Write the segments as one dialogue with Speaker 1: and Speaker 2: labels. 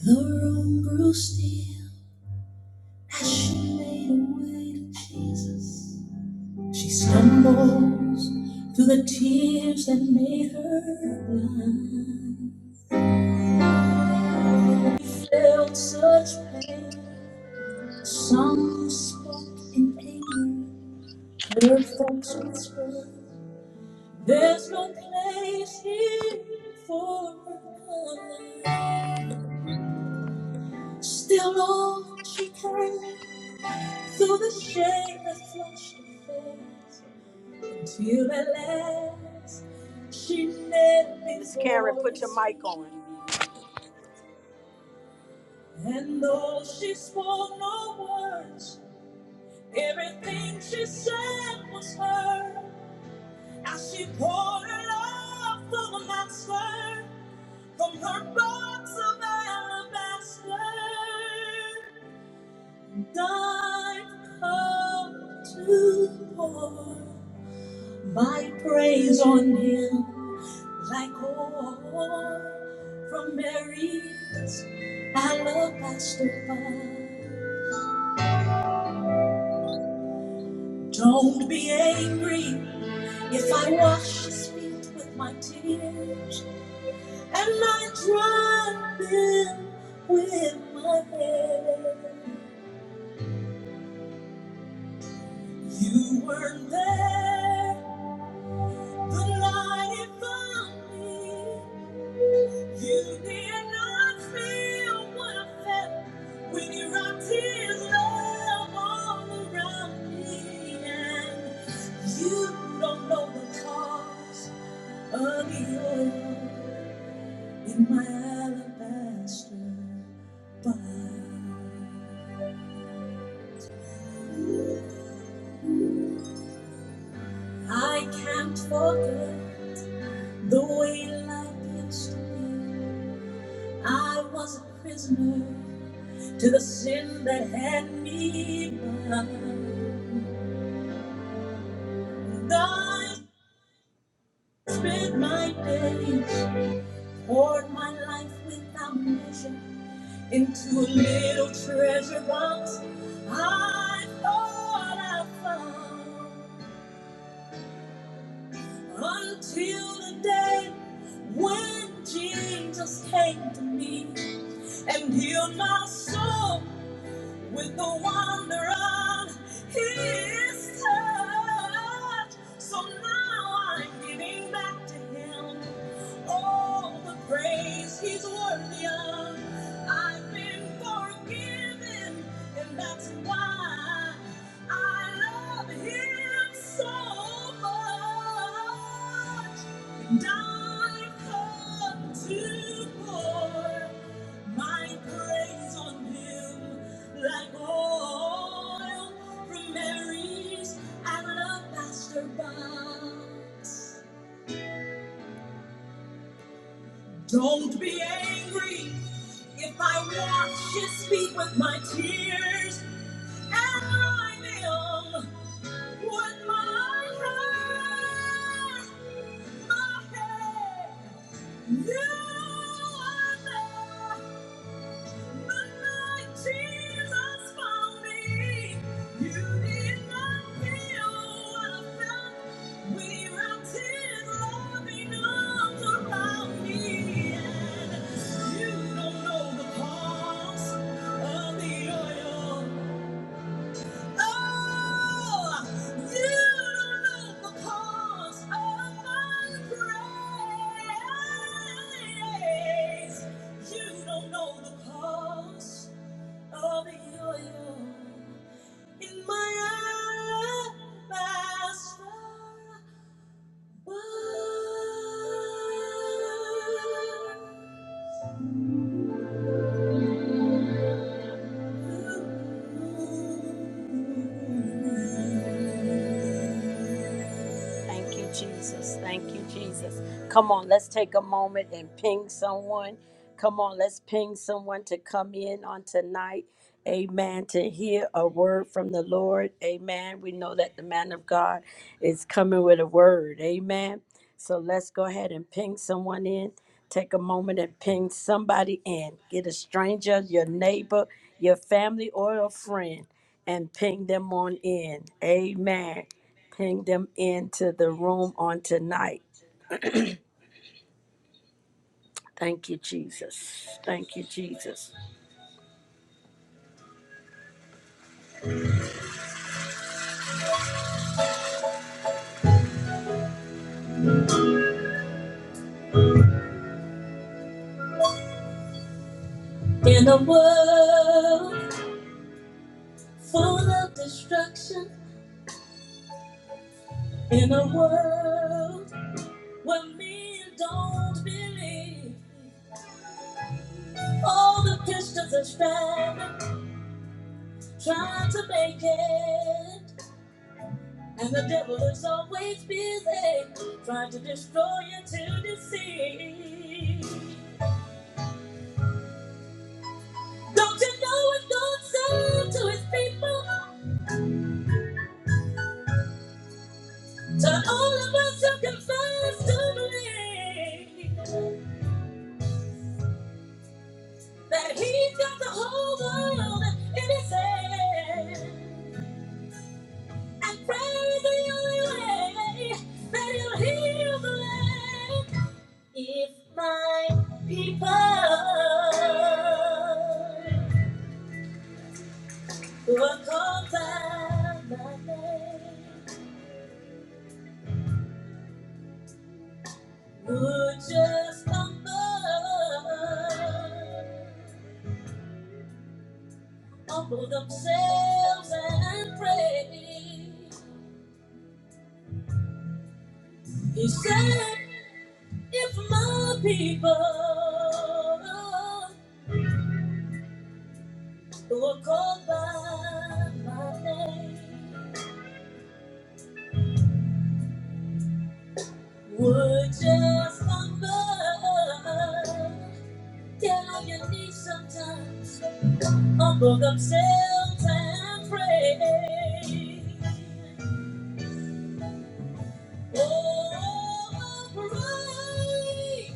Speaker 1: The room grew still as she made her way to Jesus. She stumbles through the tears that made her blind. She felt such pain. Some spoke in anger, heard folks whisper, There's no place here for her. Still, all she carried Through the shade that flushed her face, until at last she knelt Miss Karen, put your mic on. And though she spoke no words, everything she said was heard. As she poured her love for the master from her box of alabaster, and I've come to pour. My praise on him like oil from Mary's alabaster fire. Don't be angry if I wash his feet with my tears and I dry them with my hair. You weren't there The light it found me. You did not feel what I felt when you wrapped His love all around me, and you don't know the cost of the oil in my alabaster I can't forget the way life used to be. I was a prisoner to the sin that had me bound. I spent my days, poured my life without measure into a little treasure box. I thought I found until the day when Jesus came to me and healed my soul. with the wonder of his touch. So now I'm giving back to him all the praise he's worthy of. I've been forgiven, and that's why I love him so much. And I've come to pour my praise on him. Like oil from Mary's, I love Master Box. Don't be angry if I wash his feet with my tears and rhyme him with my heart, my head. You are there. You don't know the cost of you you in my alabaster. box. Thank you, Jesus. Thank you, Jesus. Come on, let's take a moment and ping someone. Come on, let's ping someone to come in on tonight. Amen. To hear a word from the Lord. Amen. We know that the man of God is coming with a word. Amen. So let's go ahead and ping someone in. Take a moment and ping somebody in. Get a stranger, your neighbor, your family, or a friend, and ping them on in. Amen. Bring them into the room on tonight. Thank you, Jesus. Thank you, Jesus. In a world full of destruction, in a world where men don't believe, all the Christians are striving, trying to make it. And the devil is always busy trying to destroy you to deceive. Don't you know what God said to his people? Turn all of us to confess to believe that he's got the whole world in his hand. And prayer is the only way that he'll heal the land. If my people who are called by my name would just humble humble themselves and pray. He said, If my people who are called by my name would just humble, get on your knees sometimes, humble themselves and pray. Oh, oh, oh, pray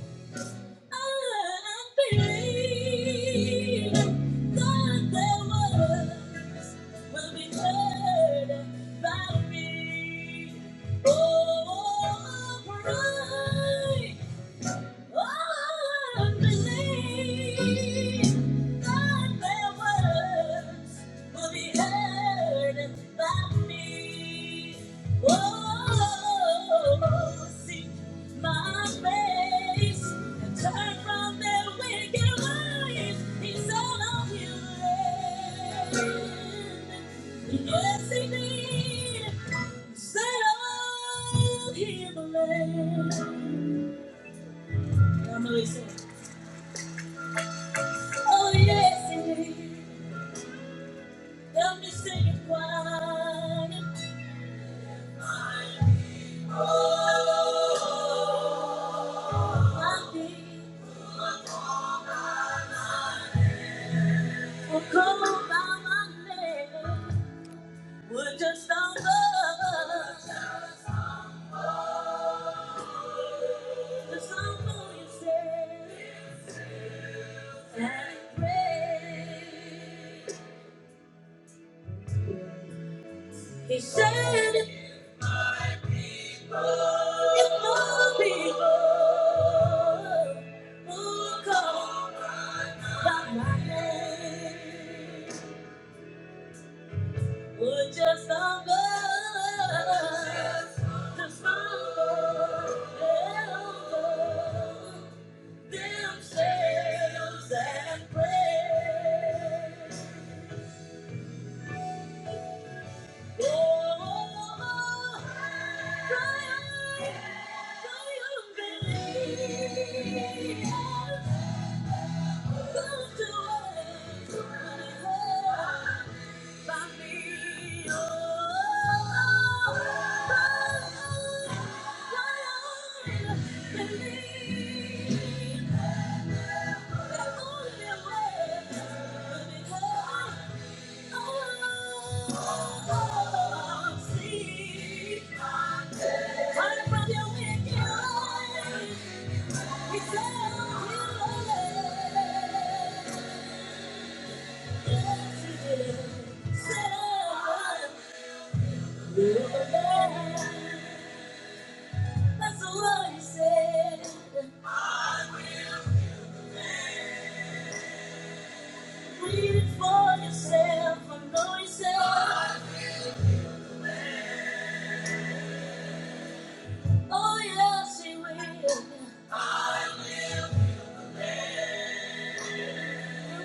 Speaker 1: By me, oh, bright Yes, indeed. Set all sorry. Oh yes, it is. I'm just singing quiet. My feet were cold by my name. We're just on the the song you say. and said. He said, My people, my people, who call by my name, would just humble, just humble themselves and pray. Believe. That's what he said. I will read it for yourself. I know yourself. Oh yes, he will.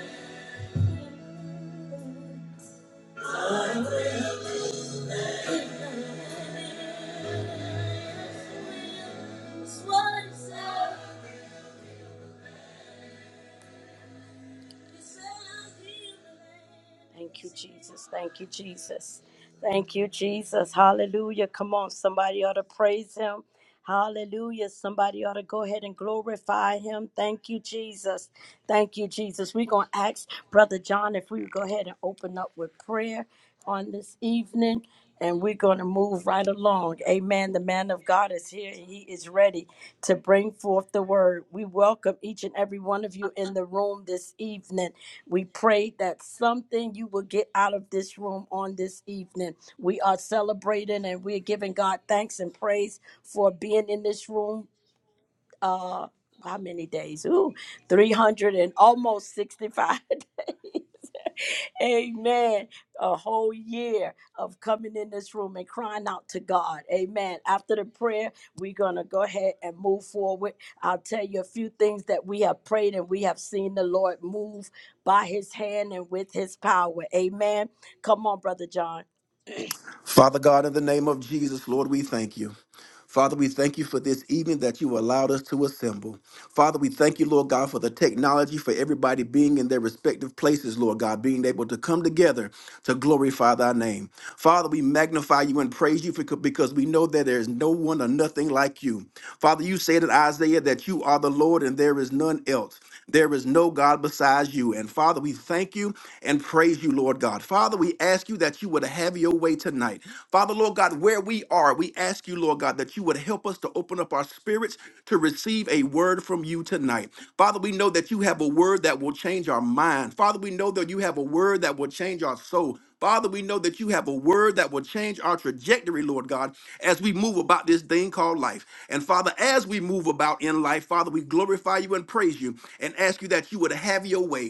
Speaker 1: Thank you, Jesus. Thank you, Jesus. Thank you, Jesus. Hallelujah. Come on, somebody ought to praise him. Hallelujah. Somebody ought to go ahead and glorify him. Thank you, Jesus. Thank you, Jesus. We're going to ask Brother John if we would go ahead and open up with prayer. on this evening, and we're going to move right along. Amen. The man of God is here and he is ready to bring forth the word. We welcome each and every one of you in the room this evening. We pray that something you will get out of this room on this evening. We are celebrating and we're giving God thanks and praise for being in this room. Uh, how many days? Ooh, 300 and almost 65 days. Amen. A whole year of coming in this room and crying out to God. Amen. After the prayer, we're going to go ahead and move forward. I'll tell you a few things that we have prayed and we have seen the Lord move by his hand and with his power. Amen. Come on, Brother John.
Speaker 2: Father God, in the name of Jesus, Lord, we thank you. Father, we thank you for this evening that you allowed us to assemble. Father, we thank you, Lord God, for the technology, for everybody being in their respective places, Lord God, being able to come together to glorify thy name. Father, we magnify you and praise you for- because we know that there is no one or nothing like you. Father, you said in Isaiah that you are the Lord and there is none else. There is no God besides you. And Father, we thank you and praise you, Lord God. Father, we ask you that you would have your way tonight. Father, Lord God, where we are, we ask you, Lord God, that you would help us to open up our spirits to receive a word from you tonight. Father, we know that you have a word that will change our mind. Father, we know that you have a word that will change our soul. Father, we know that you have a word that will change our trajectory, Lord God, as we move about this thing called life. And Father, as we move about in life, Father, we glorify you and praise you and ask you that you would have your way.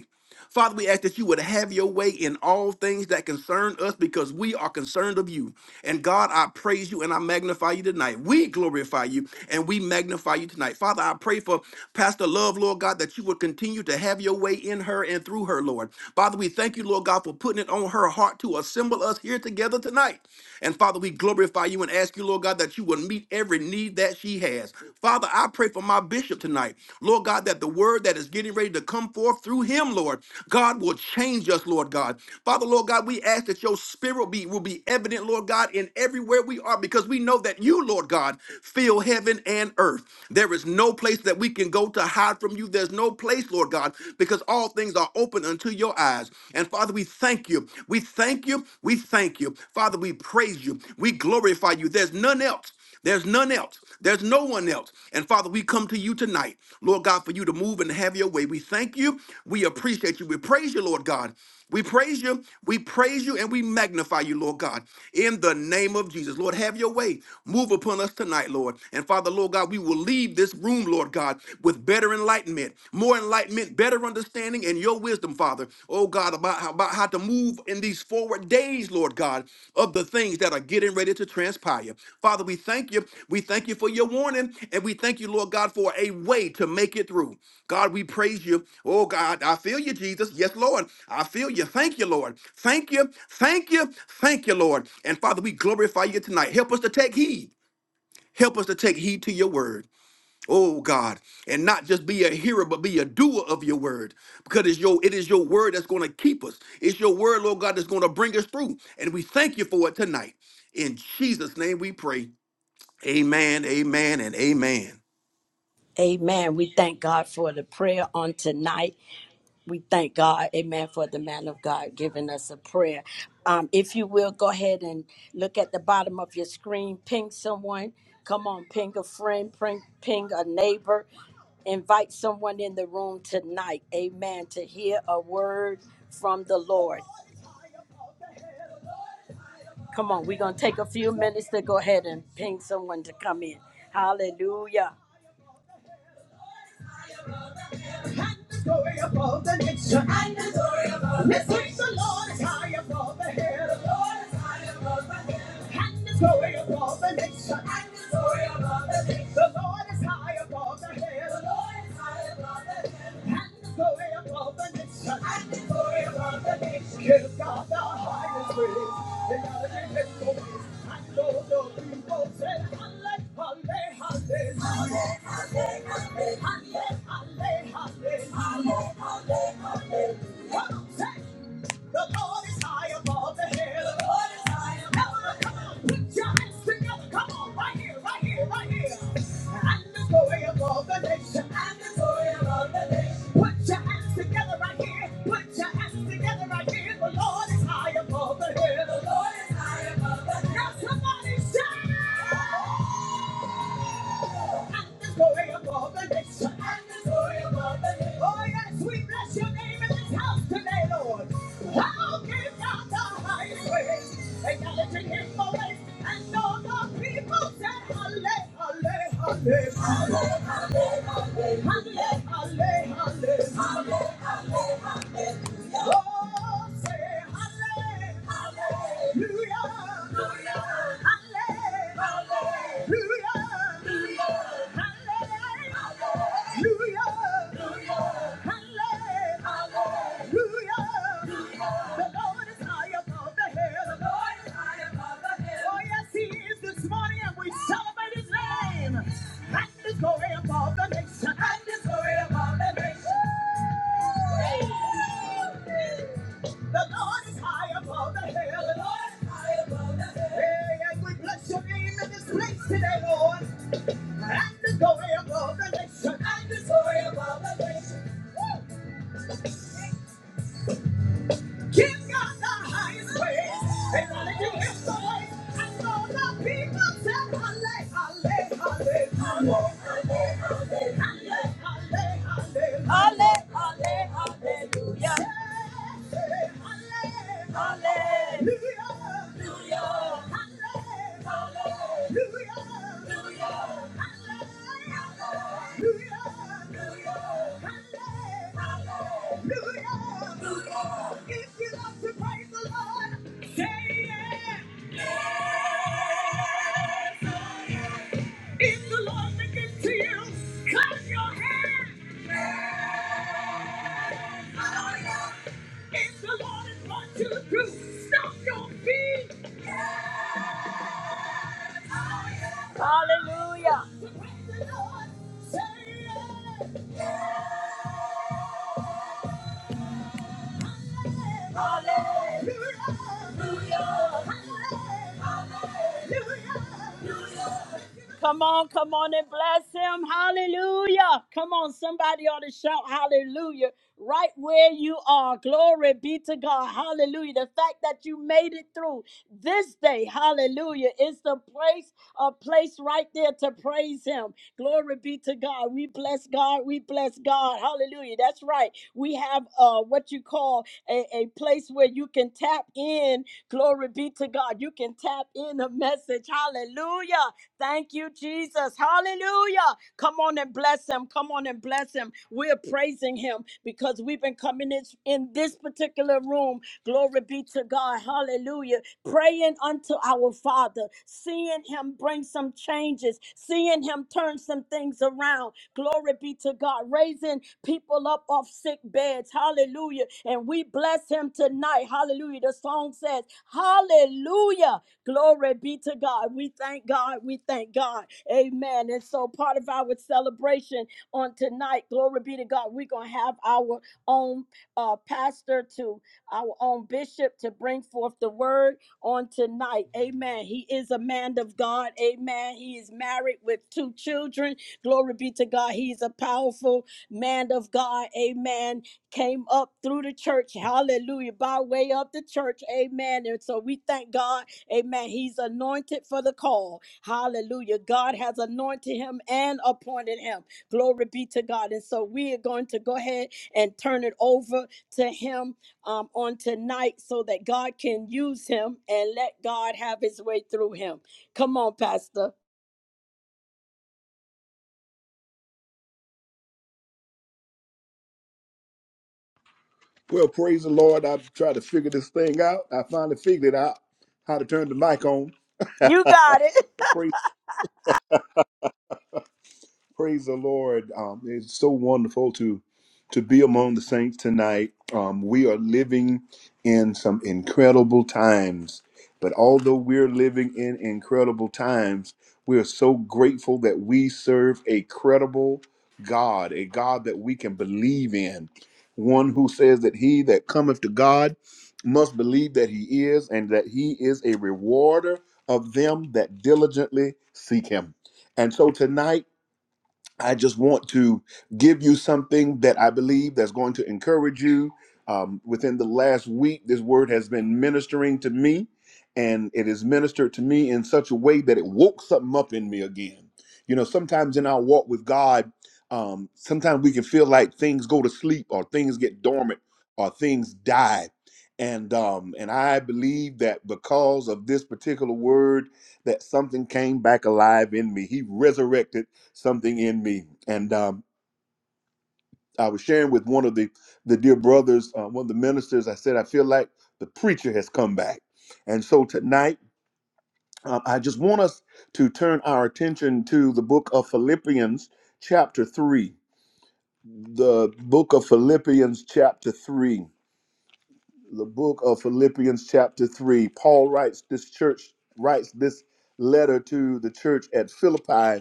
Speaker 2: Father, we ask that you would have your way in all things that concern us because we are concerned of you. And God, I praise you and I magnify you tonight. We glorify you and we magnify you tonight. Father, I pray for Pastor Love, Lord God, that you would continue to have your way in her and through her, Lord. Father, we thank you, Lord God, for putting it on her heart to assemble us here together tonight. And Father, we glorify you and ask you, Lord God, that you will meet every need that she has. Father, I pray for my bishop tonight. Lord God, that the word that is getting ready to come forth through him, Lord, God will change us, Lord God. Father, Lord God, we ask that your spirit be will be evident, Lord God, in everywhere we are, because we know that you, Lord God, fill heaven and earth. There is no place that we can go to hide from you. There's no place, Lord God, because all things are open unto your eyes lives. And Father, we thank you. We thank you. We thank you. Father, we praise you. We glorify you. There's none else. There's none else. There's no one else. And Father, we come to you tonight, Lord God, for you to move and have your way. We thank you. We appreciate you. We praise you, Lord God. We praise you, we praise you, and we magnify you, Lord God, in the name of Jesus. Lord, have your way. Move upon us tonight, Lord. And Father, Lord God, we will leave this room, Lord God, with better enlightenment, more enlightenment, better understanding, and your wisdom, Father. Oh God, about how, about how to move in these forward days, Lord God of the things that are getting ready to transpire. Father, we thank you. We thank you for your warning, and we thank you, Lord God, for a way to make it through. God, we praise you. Oh, God, I feel you, Jesus. Yes, Lord. I feel you. Thank you, Lord. Thank you. Thank you. Thank you, Lord. And Father, we glorify you tonight. Help us to take heed. Help us to take heed to your word. Oh God, and not just be a hearer, but be a doer of your word. Because it's your it is your word that's going to keep us. It's your word, Lord God, that's going to bring us through. And we thank you for it tonight. In Jesus' name we pray. Amen, amen, and amen.
Speaker 1: Amen. We thank God for the prayer on tonight. We thank God, amen, for the man of God giving us a prayer. Um, if you will, go ahead and look at the bottom of your screen, ping someone. Come on, ping a friend, ping, ping a neighbor, invite someone in the room tonight, amen, to hear a word from the Lord. Come on, we're going to take a few minutes to go ahead and ping someone to come in. Hallelujah. And the glory above the nation. And the glory above the Let's the nation. Lord is high above the hill. The Lord is high above the hill. And the glory above the nation. And the glory above the nation. The Lord is high above the hill. The Lord is high above the hill. Hallelujah. hallelujah, hallelujah, hallelujah. The Lord is high above the hill. The Lord is high above the Come come on, put your hands together. Come on, right here, right here, right here. And the glory above the nation. And the glory above the nation. Put your hands together right here. Put your hands together right here. The Lord is high above the hill. The Lord is high above the hill. Now somebody shout! Oh yes, we bless your name in this house today, Lord. I'll give God the highest praise, acknowledging Him always, and all the people say, Hallelujah, Hallelujah, Hallelujah, Hallelujah, Hallelujah, Oh, say Hallelujah, Hallelujah, Hallelujah. The Lord is high above the hill. The Lord is high above the hill. Hey, and we bless your name in this place today, Lord. And the glory above the nation. And the glory above the nation. Give God the highest praise. And hallelujah is the way. And all the people said, Hallelujah, hallelujah, hallelujah, hallelujah, hallelujah, hallelujah, hallelujah, hallelujah. If you love to praise the Lord, say yeah. Yes, oh yeah. If the Lord speaks to you, clap your hands. Oh yeah. If the Lord is brought you through, stomp your feet. Hallelujah. Come on, come on and bless him. Hallelujah. Come on, somebody ought to shout hallelujah right where you are. Glory be to God. Hallelujah. The fact that you made it through this day, hallelujah, is the praise. a place right there to praise him. Glory be to God. We bless God. We bless God. Hallelujah. That's right. We have uh what you call a, a place where you can tap in. Glory be to God. You can tap in a message. Hallelujah. Thank you, Jesus. Hallelujah. Come on and bless him. Come on and bless him. We're praising him because we've been coming in, in this particular room. Glory be to God. Hallelujah. Praying unto our Father, seeing him bring some changes, seeing him turn some things around. Glory be to God. Raising people up off sick beds. Hallelujah. And we bless him tonight. Hallelujah. The song says, Hallelujah. Glory be to God. We thank God. We thank God. Amen. And so part of our celebration on tonight, glory be to God, we're going to have our own uh, pastor to our own bishop to bring forth the word on tonight. Amen. He is a man of God. Amen. He is married with two children. Glory be to God. He's a powerful man of God. Amen came up through the church, hallelujah, by way of the church, amen. And so we thank God, amen. He's anointed for the call, hallelujah. God has anointed him and appointed him, glory be to God. And so we are going to go ahead and turn it over to him um, on tonight so that God can use him and let God have his way through him. Come on, Pastor,
Speaker 3: Well, praise the Lord. I tried to figure this thing out. I finally figured out how to turn the mic on.
Speaker 1: you got it.
Speaker 3: praise Praise the Lord. Um, it's so wonderful to to be among the saints tonight. Um, we are living in some incredible times. But although we're living in incredible times, we are so grateful that we serve a credible God, a God that we can believe in, one who says that he that cometh to God must believe that he is, and that he is a rewarder of them that diligently seek him. And so tonight, I just want to give you something that I believe that's going to encourage you. Um, within the last week, this word has been ministering to me, and it has ministered to me in such a way that it woke something up in me again. You know, sometimes in our walk with God, um, sometimes we can feel like things go to sleep or things get dormant or things die. And um, and I believe that because of this particular word, that something came back alive in me. He resurrected something in me. And um, I was sharing with one of the the dear brothers, uh, one of the ministers. I said, I feel like the preacher has come back. And so tonight, um, I just want us to turn our attention to the book of Philippians, chapter three. The book of Philippians, chapter three. The book of Philippians, chapter three. Paul writes this church writes this letter to the church at Philippi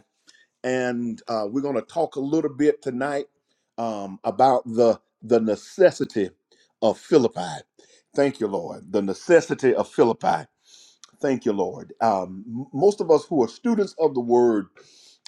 Speaker 3: and uh, we're going to talk a little bit tonight um, about the the necessity of Philippi. Thank you, Lord. The necessity of Philippi. Thank you, Lord. Um, most of us who are students of the word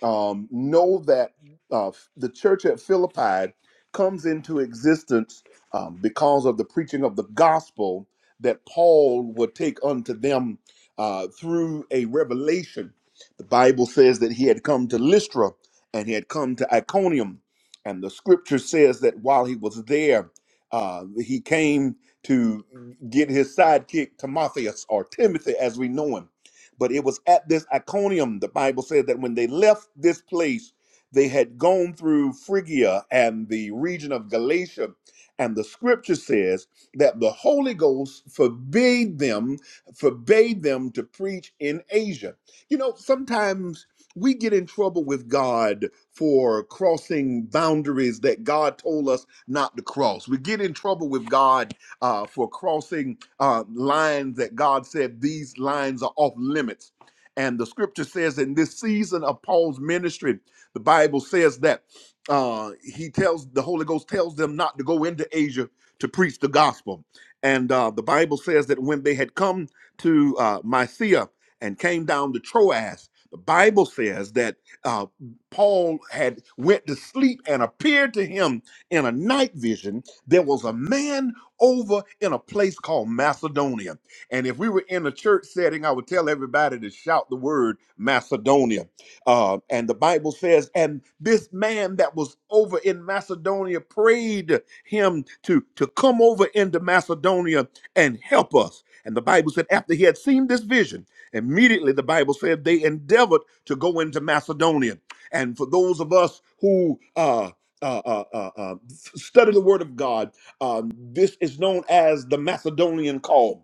Speaker 3: um, know that uh, the church at Philippi comes into existence um, because of the preaching of the gospel that Paul would take unto them uh, through a revelation. The Bible says that he had come to Lystra and he had come to Iconium. And the scripture says that while he was there, uh, he came to get his sidekick Timotheus or Timothy as we know him. But it was at this Iconium, the Bible says that when they left this place, they had gone through Phrygia and the region of Galatia. And the scripture says that the Holy Ghost forbade them, forbade them to preach in Asia. You know, sometimes we get in trouble with God for crossing boundaries that God told us not to cross. We get in trouble with God uh, for crossing uh, lines that God said these lines are off limits. And the scripture says in this season of Paul's ministry, the Bible says that uh, he tells the Holy Ghost tells them not to go into Asia to preach the gospel. And uh, the Bible says that when they had come to uh, Mysia and came down to Troas, the Bible says that uh, Paul had went to sleep and appeared to him in a night vision. There was a man over in a place called Macedonia. And if we were in a church setting, I would tell everybody to shout the word Macedonia. Uh, and the Bible says, and this man that was over in Macedonia prayed him to, to come over into Macedonia and help us. And the Bible said, after he had seen this vision, immediately the Bible said they endeavored to go into Macedonia. And for those of us who uh, uh, uh, uh, uh, study the Word of God, um, this is known as the Macedonian call.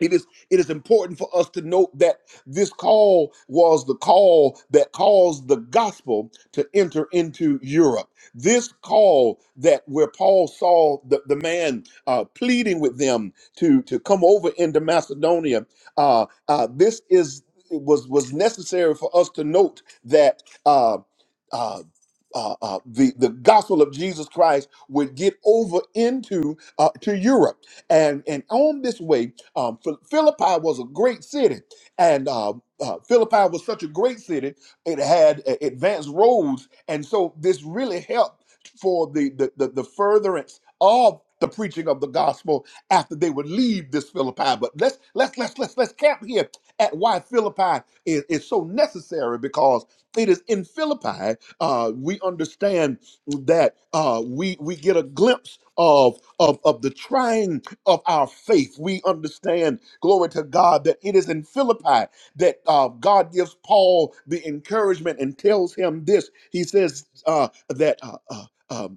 Speaker 3: It is it is important for us to note that this call was the call that caused the gospel to enter into Europe. This call that where Paul saw the, the man uh, pleading with them to, to come over into Macedonia, uh, uh, this is it was was necessary for us to note that uh, uh, uh, uh, the the gospel of Jesus Christ would get over into uh, to Europe, and and on this way um, Philippi was a great city, and uh, uh, Philippi was such a great city. It had uh, advanced roads, and so this really helped for the the, the, the furtherance of the preaching of the gospel after they would leave this Philippi. But let's let's let's let's let's camp here at why Philippi is, is so necessary because it is in Philippi uh, we understand that uh, we we get a glimpse of of of the trying of our faith. We understand, glory to God, that it is in Philippi that uh, God gives Paul the encouragement and tells him this. He says uh, that. Uh, uh, um,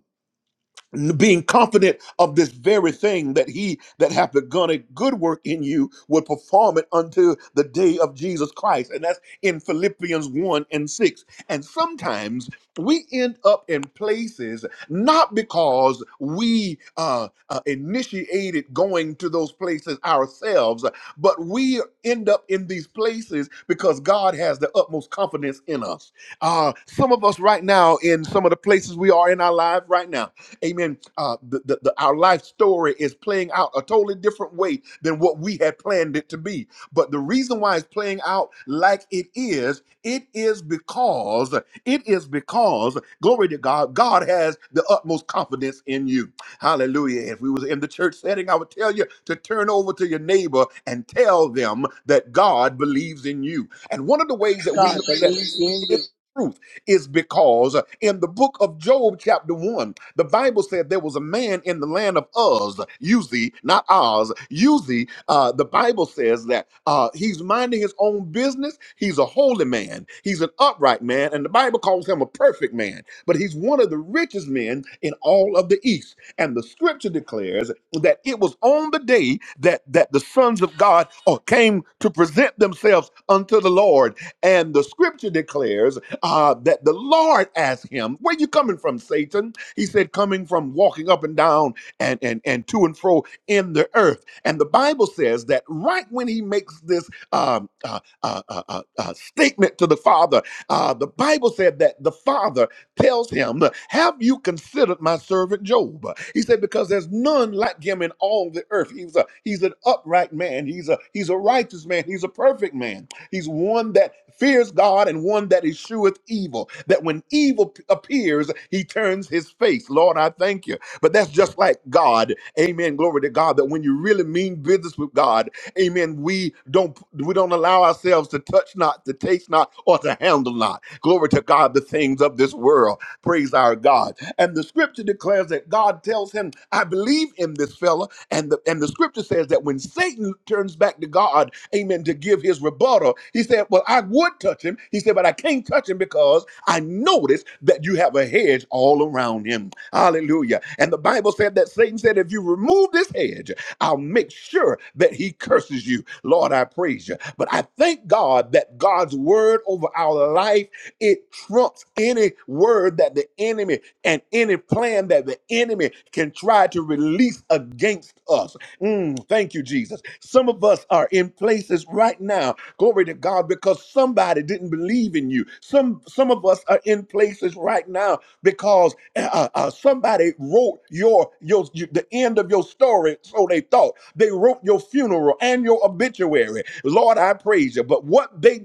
Speaker 3: being confident of this very thing that he that hath begun a good work in you will perform it unto the day of Jesus Christ. And that's in Philippians 1 and 6. And sometimes we end up in places not because we uh, uh, initiated going to those places ourselves, but we end up in these places because God has the utmost confidence in us. Uh, some of us right now, in some of the places we are in our life right now, Amen. Uh, the, the, the, our life story is playing out a totally different way than what we had planned it to be. But the reason why it's playing out like it is, it is because, it is because, glory to God, God has the utmost confidence in you. Hallelujah. If we was in the church setting, I would tell you to turn over to your neighbor and tell them that God believes in you. And one of the ways that we
Speaker 1: God
Speaker 3: know that
Speaker 1: believes in
Speaker 3: is
Speaker 1: you.
Speaker 3: true is because uh, in the book of Job, chapter 1, the Bible said there was a man in the land of Uz, Uzi, not Oz, Uzi. Uh, the Bible says that uh, he's minding his own business. He's a holy man, he's an upright man, and the Bible calls him a perfect man. But he's one of the richest men in all of the East. And the scripture declares that it was on the day that, that the sons of God uh, came to present themselves unto the Lord. And the scripture declares uh, that the Lord asked him, Where you coming from, Satan? He said, Coming from walking up and down and, and, and to and fro in the earth. And the Bible says that right when he makes this um, uh, uh, uh, uh, uh, statement to the Father, uh, the Bible said that the Father tells him, Have you considered my servant Job? He said, Because there's none like him in all the earth. He's a he's an upright man, he's a he's a righteous man, he's a perfect man. He's one that fears God and one that escheweth evil. That when evil appears, he turns his face. Lord, I thank you. But that's just like God. Amen. Glory to God. That when you really mean business with God, amen, we don't we don't allow ourselves to touch not, to taste not, or to handle not. Glory to God, the things of this world. Praise our God. And the scripture declares that God tells him, I believe in this fella. And the and the scripture says that when Satan turns back to God, amen, to give his rebuttal. He said, Well, I would touch him. He said, But I can't touch him because I noticed that you have a hedge all around him. Hallelujah. And the Bible said that Satan said, If you remove this hedge, I'll make sure that he curses you. Lord, I praise you. But I thank God that God's word over our life, it trumps any word that the enemy and any plan that the enemy can try to release against us. Mm, thank you, Jesus. Some of us are in places right now, glory to God, because somebody didn't believe in you. Some some of us are in places right now because uh, uh, uh, somebody wrote your, your your the end of your story, so they thought. They wrote your funeral and your obituary. Lord, I praise you. But what they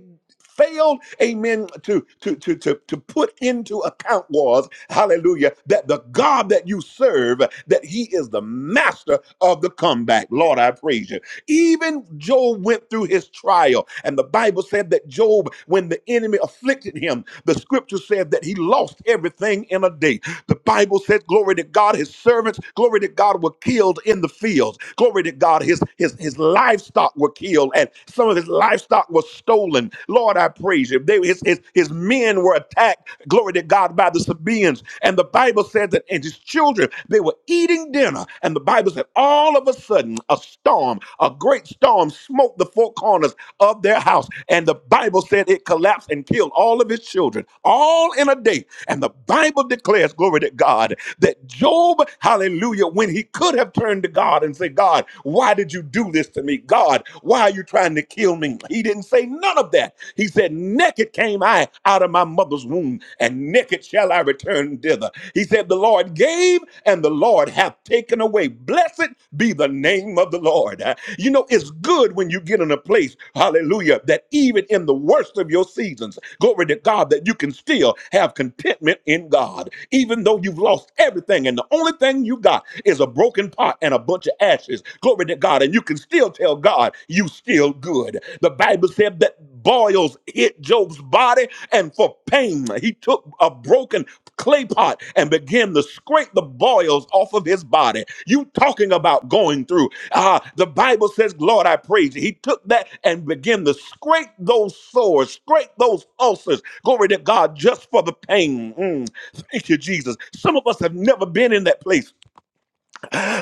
Speaker 3: failed, amen, to, to, to, to, to put into account was, hallelujah, that the God that you serve, that he is the master of the comeback. Lord, I praise you. Even Job went through his trial, and the Bible said that Job, when the enemy afflicted him, the scripture said that he lost everything in a day. The Bible says, glory to God, his servants, glory to God, were killed in the fields. Glory to God, his, his, his livestock were killed, and some of his livestock was stolen. Lord, I praise you. They, his, his, his men were attacked, glory to God, by the Sabaeans. And the Bible said that, and his children, they were eating dinner. And the Bible said, all of a sudden, a storm, a great storm, smote the four corners of their house. And the Bible said it collapsed and killed all of his children, all in a day and the Bible declares, glory to God, that Job, hallelujah, when he could have turned to God and said, God, why did you do this to me? God, why are you trying to kill me? He didn't say none of that. He said, Naked came I out of my mother's womb, and naked shall I return thither. He said, The Lord gave, and the Lord hath taken away. Blessed be the name of the Lord. Uh, You know. You know, it's good when you get in a place, hallelujah, that even in the worst of your seasons, glory to God, that you can still have contentment in God. Even though you've lost everything and the only thing you got is a broken pot and a bunch of ashes, glory to God, and you can still tell God, you still good. The Bible said that boils hit Job's body, and for pain, he took a broken clay pot and began to scrape the boils off of his body. You talking about going through. Ah, the Bible says, Lord, I praise you. He took that and began to scrape those sores, scrape those ulcers. Glory to God, just for the pain. Mm, thank you, Jesus. Some of us have never been in that place.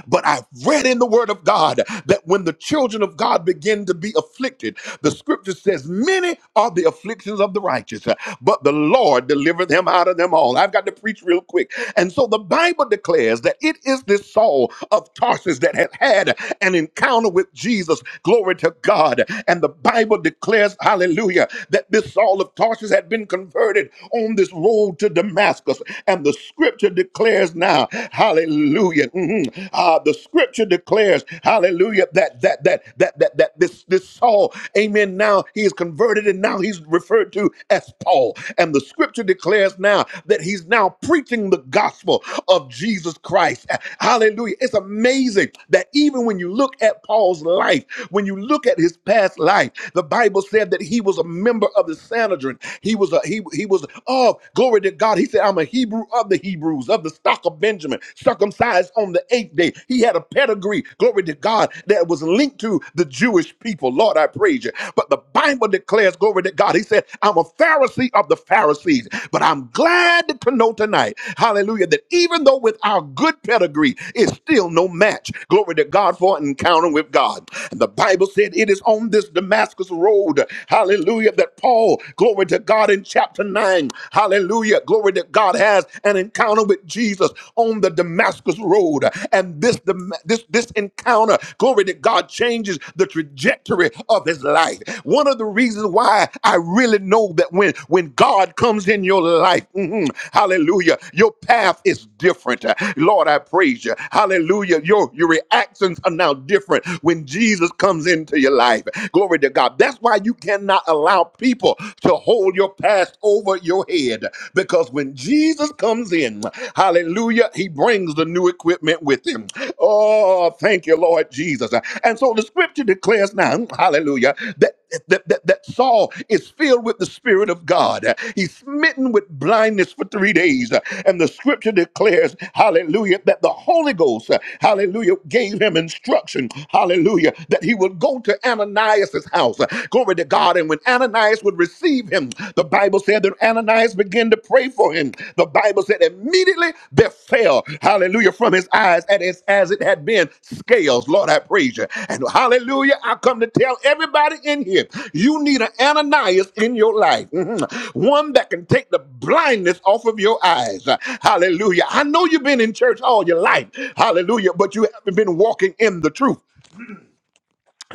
Speaker 3: But I've read in the word of God that when the children of God begin to be afflicted, the scripture says, Many are the afflictions of the righteous, but the Lord delivered them out of them all. I've got to preach real quick. And so the Bible declares that it is this Saul of Tarsus that had had an encounter with Jesus. Glory to God. And the Bible declares, hallelujah, that this Saul of Tarsus had been converted on this road to Damascus. And the scripture declares just now. Hallelujah. Mhm. Uh, the scripture declares, hallelujah, that that that that that that this this Saul, amen. Now he is converted and now he's referred to as Paul. And the scripture declares now that he's now preaching the gospel of Jesus Christ. Hallelujah. It's amazing that even when you look at Paul's life, when you look at his past life, the Bible said that he was a member of the Sanhedrin. He was a he he was oh glory to God. He he said, I'm a Hebrew of the Hebrews, of the stock of Benjamin, circumcised on the eighth day. He had a pedigree, glory to God, that was linked to the Jewish people. Lord, I praise you. But the Bible declares, glory to God, he said, I'm a Pharisee of the Pharisees. But I'm glad to know tonight, hallelujah, that even though with our good pedigree, it's still no match, glory to God, for an encounter with God. And the Bible said it is on this Damascus road, hallelujah, that Paul, glory to God, in in chapter 9. Hallelujah. Glory that God has an encounter with Jesus on the Damascus Road. And this, Dam- this, this encounter, glory that God changes the trajectory of his life. One of the reasons why I really know that when, when God comes in your life, mhm, hallelujah, your path is different. Lord, I praise you. Hallelujah. Your, your reactions are now different when Jesus comes into your life. Glory to God. That's why you cannot not allow people to hold your past over your head because when Jesus comes in, hallelujah, he brings the new equipment with him. Oh, thank you, Lord Jesus. And so the scripture declares now, hallelujah, that, that, that, that Saul is filled with the Spirit of God. He's smitten with blindness for three days. And the scripture declares, hallelujah, that the Holy Ghost, hallelujah, gave him instruction, hallelujah, that he would go to Ananias. Ananias's house. Glory to God. And when Ananias would receive him, the Bible said that Ananias began to pray for him. The Bible said immediately there fell, hallelujah, from his eyes and as, as it had been scales. Lord, I praise you. And hallelujah, I come to tell everybody in here, you need an Ananias in your life. Mhm. One that can take the blindness off of your eyes. Hallelujah. I know you've been in church all your life. Hallelujah. But you haven't been walking in the truth.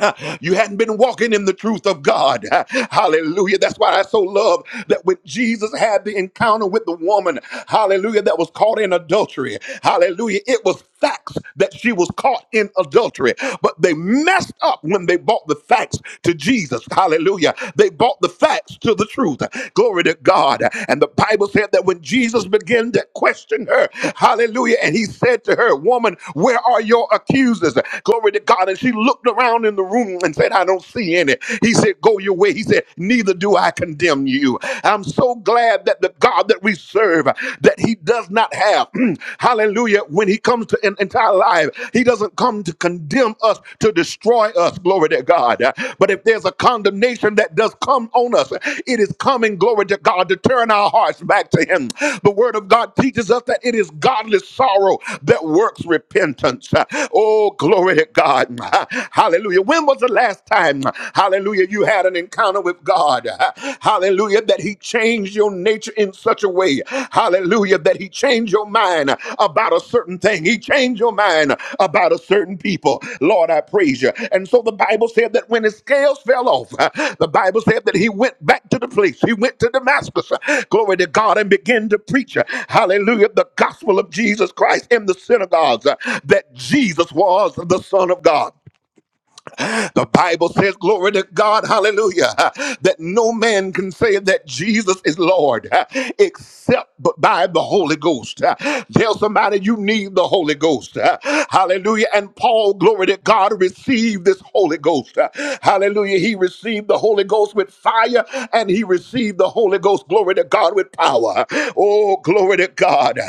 Speaker 3: Uh, you hadn't been walking in the truth of God. Uh, Hallelujah. That's why I so love that when Jesus had the encounter with the woman, hallelujah, that was caught in adultery. Hallelujah. It was facts that she was caught in adultery, but they messed up when they brought the facts to Jesus. Hallelujah. They brought the facts to the truth. Glory to God. And the Bible said that when Jesus began to question her, hallelujah, and he said to her, Woman, where are your accusers? Glory to God. And she looked around around in the room and said, I don't see any. He said, Go your way. He said, Neither do I condemn you. I'm so glad that the God that we serve, that He does not have, hallelujah, when He comes to an entire life, He doesn't come to condemn us, to destroy us, glory to God. But if there's a condemnation that does come on us, it is coming, glory to God, to turn our hearts back to Him. The Word of God teaches us that it is godly sorrow that works repentance. Oh, glory to God. Hallelujah. When was the last time, hallelujah, you had an encounter with God? Hallelujah, that He changed your nature in such a way. Hallelujah, that He changed your mind about a certain thing. He changed your mind about a certain people. Lord, I praise you. And so the Bible said that when his scales fell off, the Bible said that he went back to the place. He went to Damascus. Glory to God and began to preach. Hallelujah. The gospel of Jesus Christ in the synagogues that Jesus was the Son of God. The Bible says, glory to God, hallelujah, that no man can say that Jesus is Lord except but by the Holy Ghost. Tell somebody you need the Holy Ghost. Hallelujah. And Paul, glory to God, received this Holy Ghost. Hallelujah. He received the Holy Ghost with fire and he received the Holy Ghost, glory to God, with power. Oh, glory to God.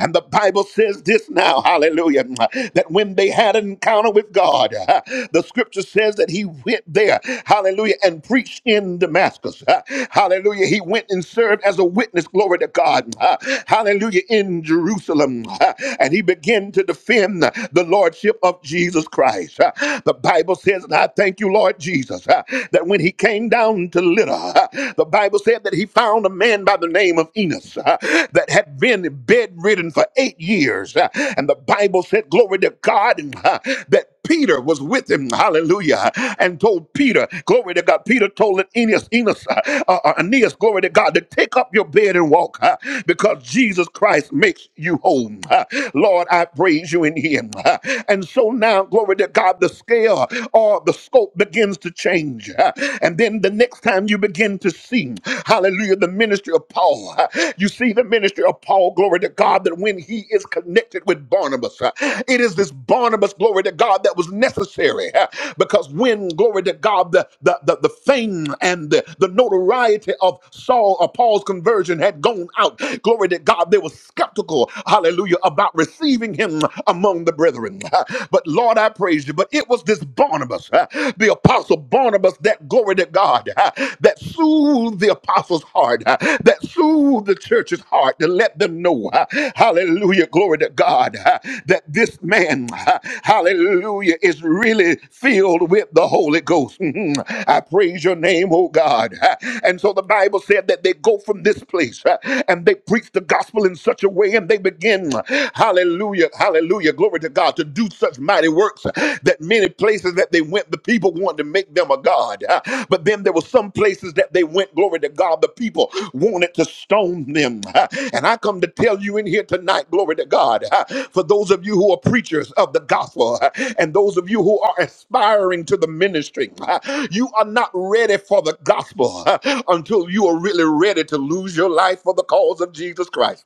Speaker 3: And the Bible says this now, hallelujah woman that when they had an encounter with God, uh, the scripture says that he went there, hallelujah, and preached in Damascus. Uh, Hallelujah. He went and served as a witness, glory to God. Uh, Hallelujah, in Jerusalem. Uh, And he began to defend the lordship of Jesus Christ. Uh, The Bible says, and I thank you, Lord Jesus, uh, that when he came down to Lydda, uh, the Bible said that he found a man by the name of Enos uh, that that had been bedridden for eight years. Uh, And the Bible said, Glory to God, and, uh, that Peter was with him, hallelujah, and told Peter, glory to God. Peter told Aeneas, Enos, uh, uh, uh, Aeneas, glory to God, to take up your bed and walk uh, because Jesus Christ makes you whole. Uh, Lord, I praise you in him. Uh, and so now, glory to God, the scale or the scope begins to change. Uh, and then the next time you begin to to see, hallelujah, the ministry of Paul. You see the ministry of Paul, glory to God, that when he is connected with Barnabas, uh, it is this Barnabas, glory to God, that was necessary. uh, Because when, glory to God, the, the, the, the fame and the, the notoriety of Saul or Paul's conversion had gone out, glory to God, they were skeptical, hallelujah, about receiving him among the brethren. Uh, But Lord, I praise you. But it was this Barnabas. uh, the apostle Barnabas that glory to God uh, that soothed the apostles' heart, uh, that soothed the church's heart to let them know, uh, hallelujah, glory to God, uh, that this man, uh, hallelujah, is really filled with the Holy Ghost. Mhm. I praise your name, oh God. Uh, And so the Bible said that they go from this place uh, and they preach the gospel in such a way and they begin, uh, hallelujah, hallelujah, glory glory to God, to do such mighty works uh, that many places that they went, the people wanted to make them a god. Uh, But then there were some places that they went, glory to God, the people wanted to stone them. Uh, And I come to tell you in here tonight, glory to God, uh, for those of you who are preachers of the gospel uh, and those of you who are aspiring to the ministry, uh, you are not ready for the gospel uh, until you are really ready to lose your life for the cause of Jesus Christ.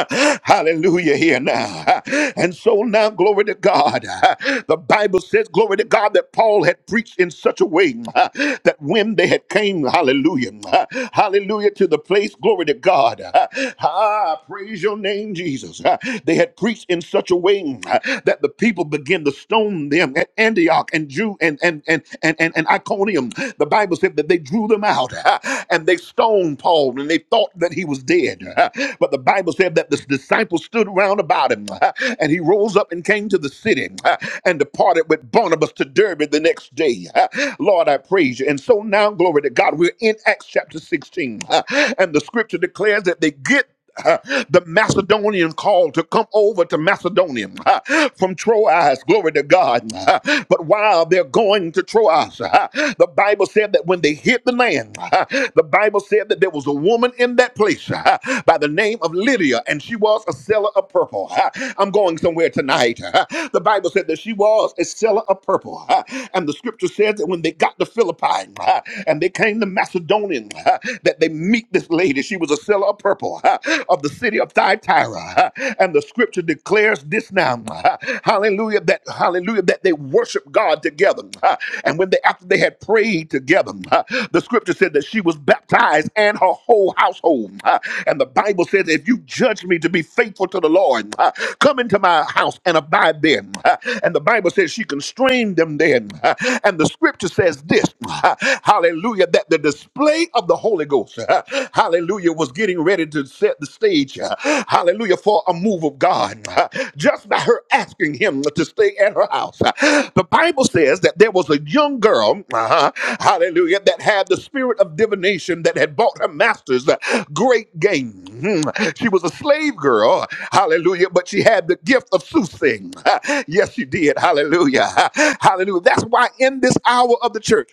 Speaker 3: Hallelujah here now. And so now, glory to God. The Bible says, glory to God, that Paul had preached in such a way that when they had came, hallelujah, hallelujah to the place, glory to God. Ah, praise your name, Jesus. They had preached in such a way that the people began to stone them at Antioch and Jew and and and and, and, and Iconium. The Bible said that they drew them out. and they stoned Paul and they thought that he was dead. But the Bible said that the disciples stood round about him and he rose up and came to the city and departed with Barnabas to Derbe the next day. Lord, I praise you. And so now, glory to God, we're in Acts chapter 16 and the scripture declares that they get Uh, the Macedonian called to come over to Macedonia uh, from Troas. Glory to God. Uh, But while they're going to Troas, uh, the Bible said that when they hit the land, uh, the Bible said that there was a woman in that place uh, by the name of Lydia, and she was a seller of purple. Uh, I'm going somewhere tonight. Uh, The Bible said that she was a seller of purple. Uh, And the scripture says that when they got to Philippi uh, and they came to Macedonia, uh, that they meet this lady, she was a seller of purple uh, of the city of Thyatira. uh, And the scripture declares this now, uh, hallelujah, that, hallelujah, that they worship God together. uh, And when they, after they had prayed together, uh, the scripture said that she was baptized and her whole household. uh, And the Bible says, if you judge me to be faithful to the Lord, uh, come into my house and abide there. Uh, And the Bible says she constrained them then. Uh, And the scripture says this, uh, hallelujah, that the display of the Holy Ghost, hallelujah, was getting ready to set the stage, hallelujah, for a move of God. Just by her asking him to stay at her house. The Bible says that there was a young girl, uh-huh, hallelujah, that had the spirit of divination that had bought her master's uh, great gain. Mhm. She was a slave girl, hallelujah, but she had the gift of soothsaying. Yes, she did, hallelujah, hallelujah. That's why in this hour of the church,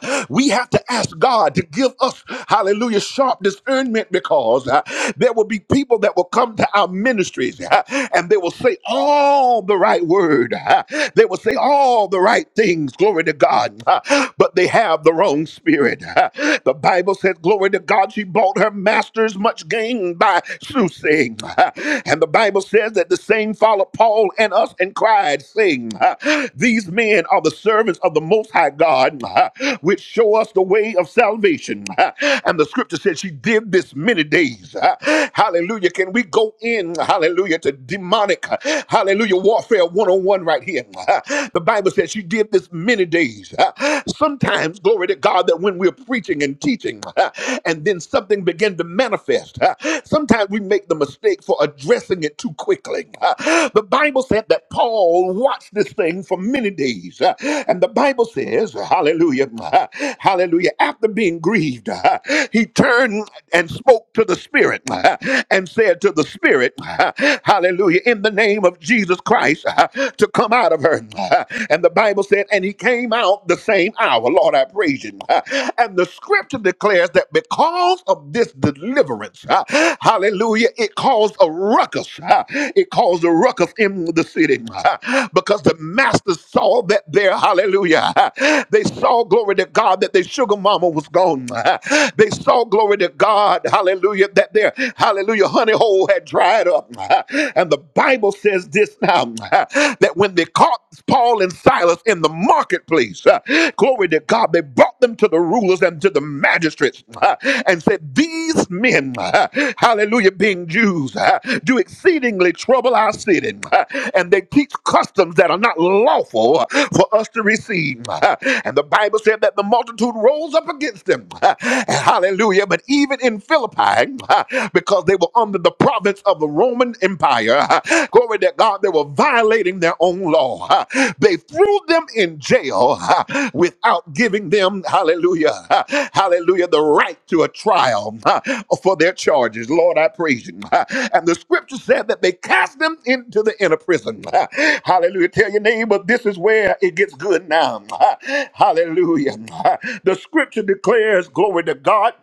Speaker 3: we have to ask God to give us, hallelujah, sharp discernment because uh, there will be people that will come to our ministries uh, and they will say all the right word. uh, they will say all the right things, glory to God, uh, but they have the wrong spirit. uh. the Bible says, glory to God, she bought her masters much gain by soothsaying. uh, and the Bible says that the same followed Paul and us and cried cried, saying, uh, These men are the servants of the Most High God, uh, which show us the way of salvation. Uh, And the scripture said she did this many days. Uh, Hallelujah. Can we go in, hallelujah, to demonic, uh, hallelujah, warfare 101 right here? Uh, The Bible says she did this many days. Uh, Sometimes, glory to God, that when we're preaching and teaching, uh, and then something began to manifest. Uh, Sometimes we make the mistake for addressing it too quickly. Uh, The Bible said that Paul watched this thing for many days. Uh, And the Bible says, hallelujah, uh, hallelujah, after being grieved, uh, he turned and spoke to the Spirit uh, and said to the Spirit, uh, hallelujah, in the name of Jesus Christ, uh, to come out of her. Uh, And the Bible said, and he came out the same hour. Lord, I praise you. Uh, And the the scripture declares that because of this deliverance, uh, hallelujah, it caused a ruckus. uh, it caused a ruckus in the city uh, because the master saw that there, hallelujah, uh, they saw, glory to God, that their sugar mama was gone. uh, they saw, glory to God, hallelujah, that their, hallelujah, honey hole had dried up. uh, and the Bible says this now, uh, that when they caught Paul and Silas in the marketplace, uh, glory to God, they brought brought them to the rulers and to the magistrates uh, and said, These men, uh, hallelujah, being Jews, uh, do exceedingly trouble our city, uh, and they teach customs that are not lawful uh, for us to receive. uh, And the Bible said that the multitude rose up against them. uh, Hallelujah. But even in Philippi, uh, because they were under the province of the Roman Empire, uh, glory to God that God, they were violating their own law. Uh, They threw them in jail uh, without giving them, hallelujah, uh, hallelujah, the right to a trial uh, for their charges. Lord, I praise you. Uh, And the scripture said that they cast them into the inner prison. Uh, Hallelujah. Tell your neighbor, this is where it gets good now. Uh, Hallelujah. Uh, The scripture declares, glory to God.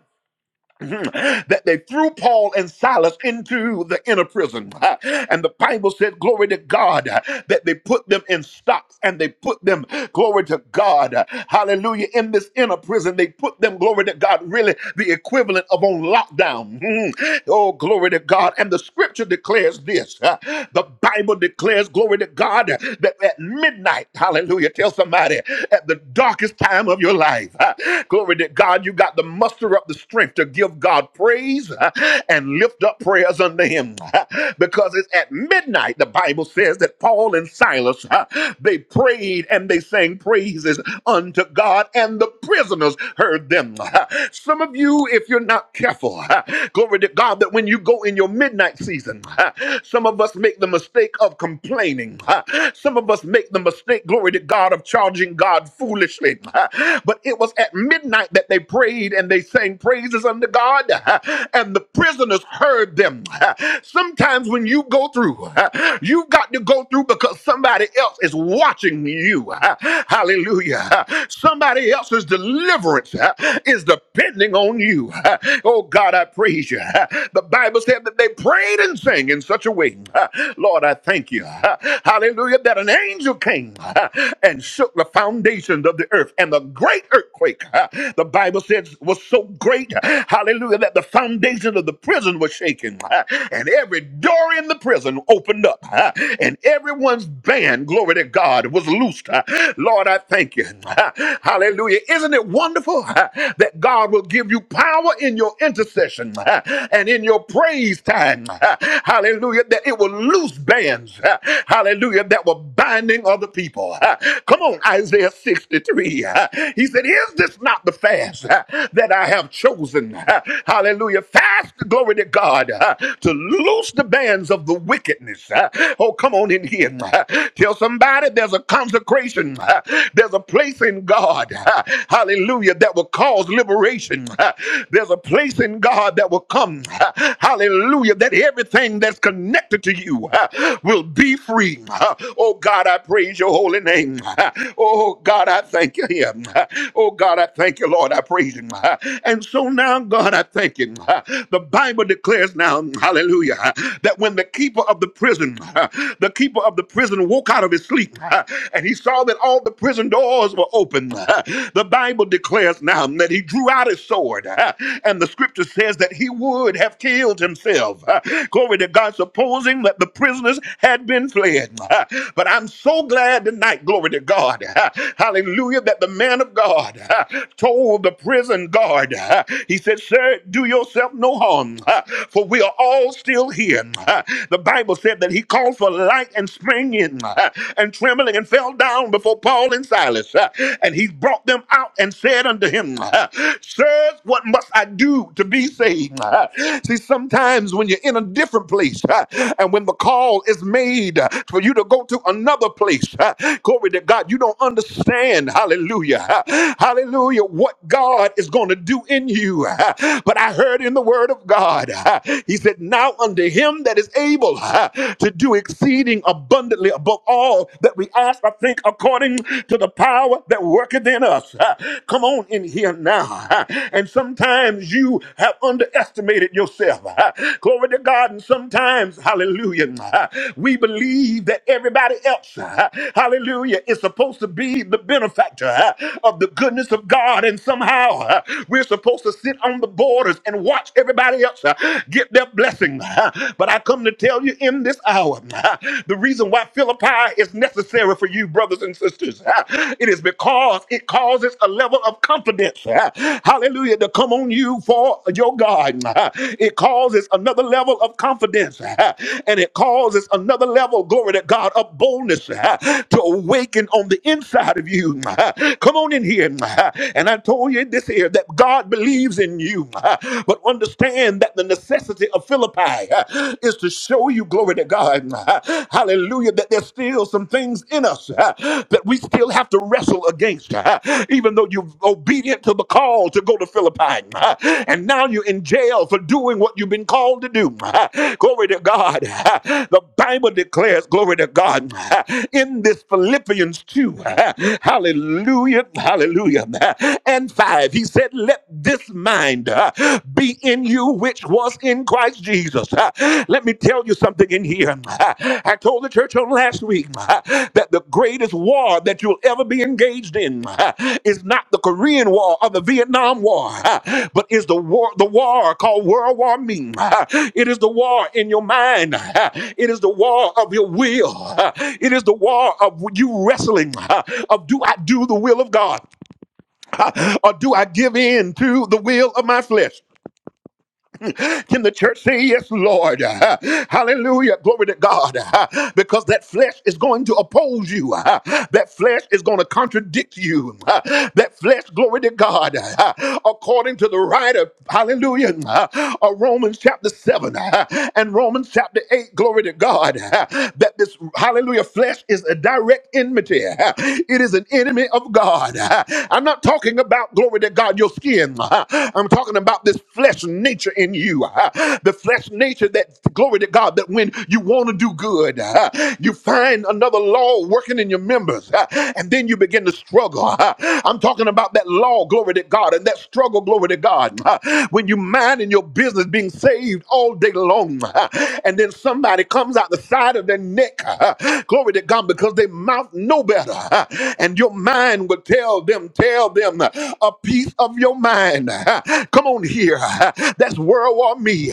Speaker 3: that they threw Paul and Silas into the inner prison. And the Bible said, Glory to God, that they put them in stocks and they put them, glory to God, hallelujah, in this inner prison. They put them, glory to God, really the equivalent of on lockdown. Oh, glory to God. And the scripture declares this uh, the Bible declares, glory to God, that at midnight, hallelujah, tell somebody, at the darkest time of your life, uh, glory to God, you got to muster up the strength to give God praise uh, and lift up prayers unto him. Because it's at midnight, the Bible says that Paul and Silas, uh, they prayed and they sang praises unto God, and the prisoners heard them. Some of you, if you're not careful, glory to God, that when you go in your midnight season, some of us make the mistake of complaining. Some of us make the mistake, glory to God, of charging God foolishly. But it was at midnight that they prayed and they sang praises praises unto God, and the prisoners heard them. Sometimes when you go through, you have got to go through because somebody else is watching you. Hallelujah. Somebody else's deliverance is depending on you. Oh God, I praise you. The Bible said that they prayed and sang in such a way. Lord, I thank you. Hallelujah. That an angel came and shook the foundations of the earth and the great earthquake. The Bible says was so great, hallelujah, that the foundation of the prison was shaken, uh, and every door in the prison opened up, uh, and everyone's band, glory to God, was loosed. uh. Lord, I thank you. uh, Hallelujah. Isn't it wonderful uh, that God will give you power in your intercession uh, and in your praise time? uh, Hallelujah. That it will loose bands, uh, hallelujah, that were binding other people. uh. Come on, Isaiah 63. uh, He said, Is this not the fast uh, that and I have chosen, hallelujah, fast, glory to God, uh, to loose the bands of the wickedness. uh, Oh, come on in here. uh, Tell somebody there's a consecration, uh, there's a place in God, uh, hallelujah, that will cause liberation. uh, There's a place in God that will come, uh, hallelujah, that everything that's connected to you uh, will be free. uh, Oh, God, I praise your holy name. uh, Oh, God, I thank you. yeah, uh, Oh, God, I thank you, Lord. I praise you thinking. And so now, God, I thank you. The Bible declares now, hallelujah, that when the keeper of the prison, the keeper of the prison woke out of his sleep and he saw that all the prison doors were open, the Bible declares now that he drew out his sword and the scripture says that he would have killed himself. Glory to God, supposing that the prisoners had been fled. But I'm so glad tonight, glory to God, hallelujah, that the man of God told the prison guard. Uh, He said, Sir, do yourself no harm, uh, for we are all still here. Uh, The Bible said that he called for light and sprang in uh, and trembling and fell down before Paul and Silas. Uh, And he brought them out and said unto him, uh, Sirs, what must I do to be saved? Uh, See, sometimes when you're in a different place uh, and when the call is made uh, for you to go to another place, uh, glory to God, you don't understand, hallelujah, uh, hallelujah, what what God is going to do in you. But I heard in the word of God, he said, Now unto him that is able to do exceeding abundantly above all that we ask, I think, according to the power that worketh in us. Come on in here now. And sometimes you have underestimated yourself. Glory to God. And sometimes, hallelujah, we believe that everybody else, hallelujah, is supposed to be the benefactor of the goodness of God. God, and somehow uh, we're supposed to sit on the borders and watch everybody else uh, get their blessing. Uh, But I come to tell you in this hour uh, the reason why Philippi is necessary for you, brothers and sisters, uh, it is because it causes a level of confidence, uh, hallelujah, to come on you for your God. Uh, It causes another level of confidence uh, and it causes another level, glory to God, of boldness uh, to awaken on the inside of you. Uh, Come on in here. uh, and I told you this here that God believes in you. But understand that the necessity of Philippi is to show you, glory to God, hallelujah, that there's still some things in us that we still have to wrestle against. Even though you're obedient to the call to go to Philippi, and now you're in jail for doing what you've been called to do. Glory to God. The Bible declares, glory to God, in this Philippians 2, hallelujah, hallelujah. William and 5. He said, Let this mind uh, be in you which was in Christ Jesus. Uh, Let me tell you something in here. Uh, I told the church on last week uh, that the greatest war that you'll ever be engaged in uh, is not the Korean War or the Vietnam War, uh, but is the war the war called World War Me. Uh, It is the war in your mind. Uh, It is the war of your will. Uh, It is the war of you wrestling uh, of do I do the will of God? or do I give in to the will of my flesh? Can the church say, Yes, Lord? Uh, Hallelujah. Glory to God. Uh, Because that flesh is going to oppose you. Uh, That flesh is going to contradict you. Uh, That flesh, glory to God. Uh, According to the writer, hallelujah, uh, of Romans chapter 7 uh, and Romans chapter 8, glory to God, uh, that this, hallelujah, flesh is a direct enmity. Uh, It is an enemy of God. Uh, I'm not talking about, glory to God, your skin. I'm talking about this flesh nature in you. uh, The flesh nature that, glory to God, that when you want to do good, uh, you find another law working in your members, uh, and then you begin to struggle. uh. I'm talking about that law, glory to God, and that struggle, glory to God. uh, When you mind in your business being saved all day long, uh, and then somebody comes out the side of their neck, uh, glory to God, because they mouth no better, uh, and your mind will tell them, tell tell them a piece of your mind. Come on here. That's world war me.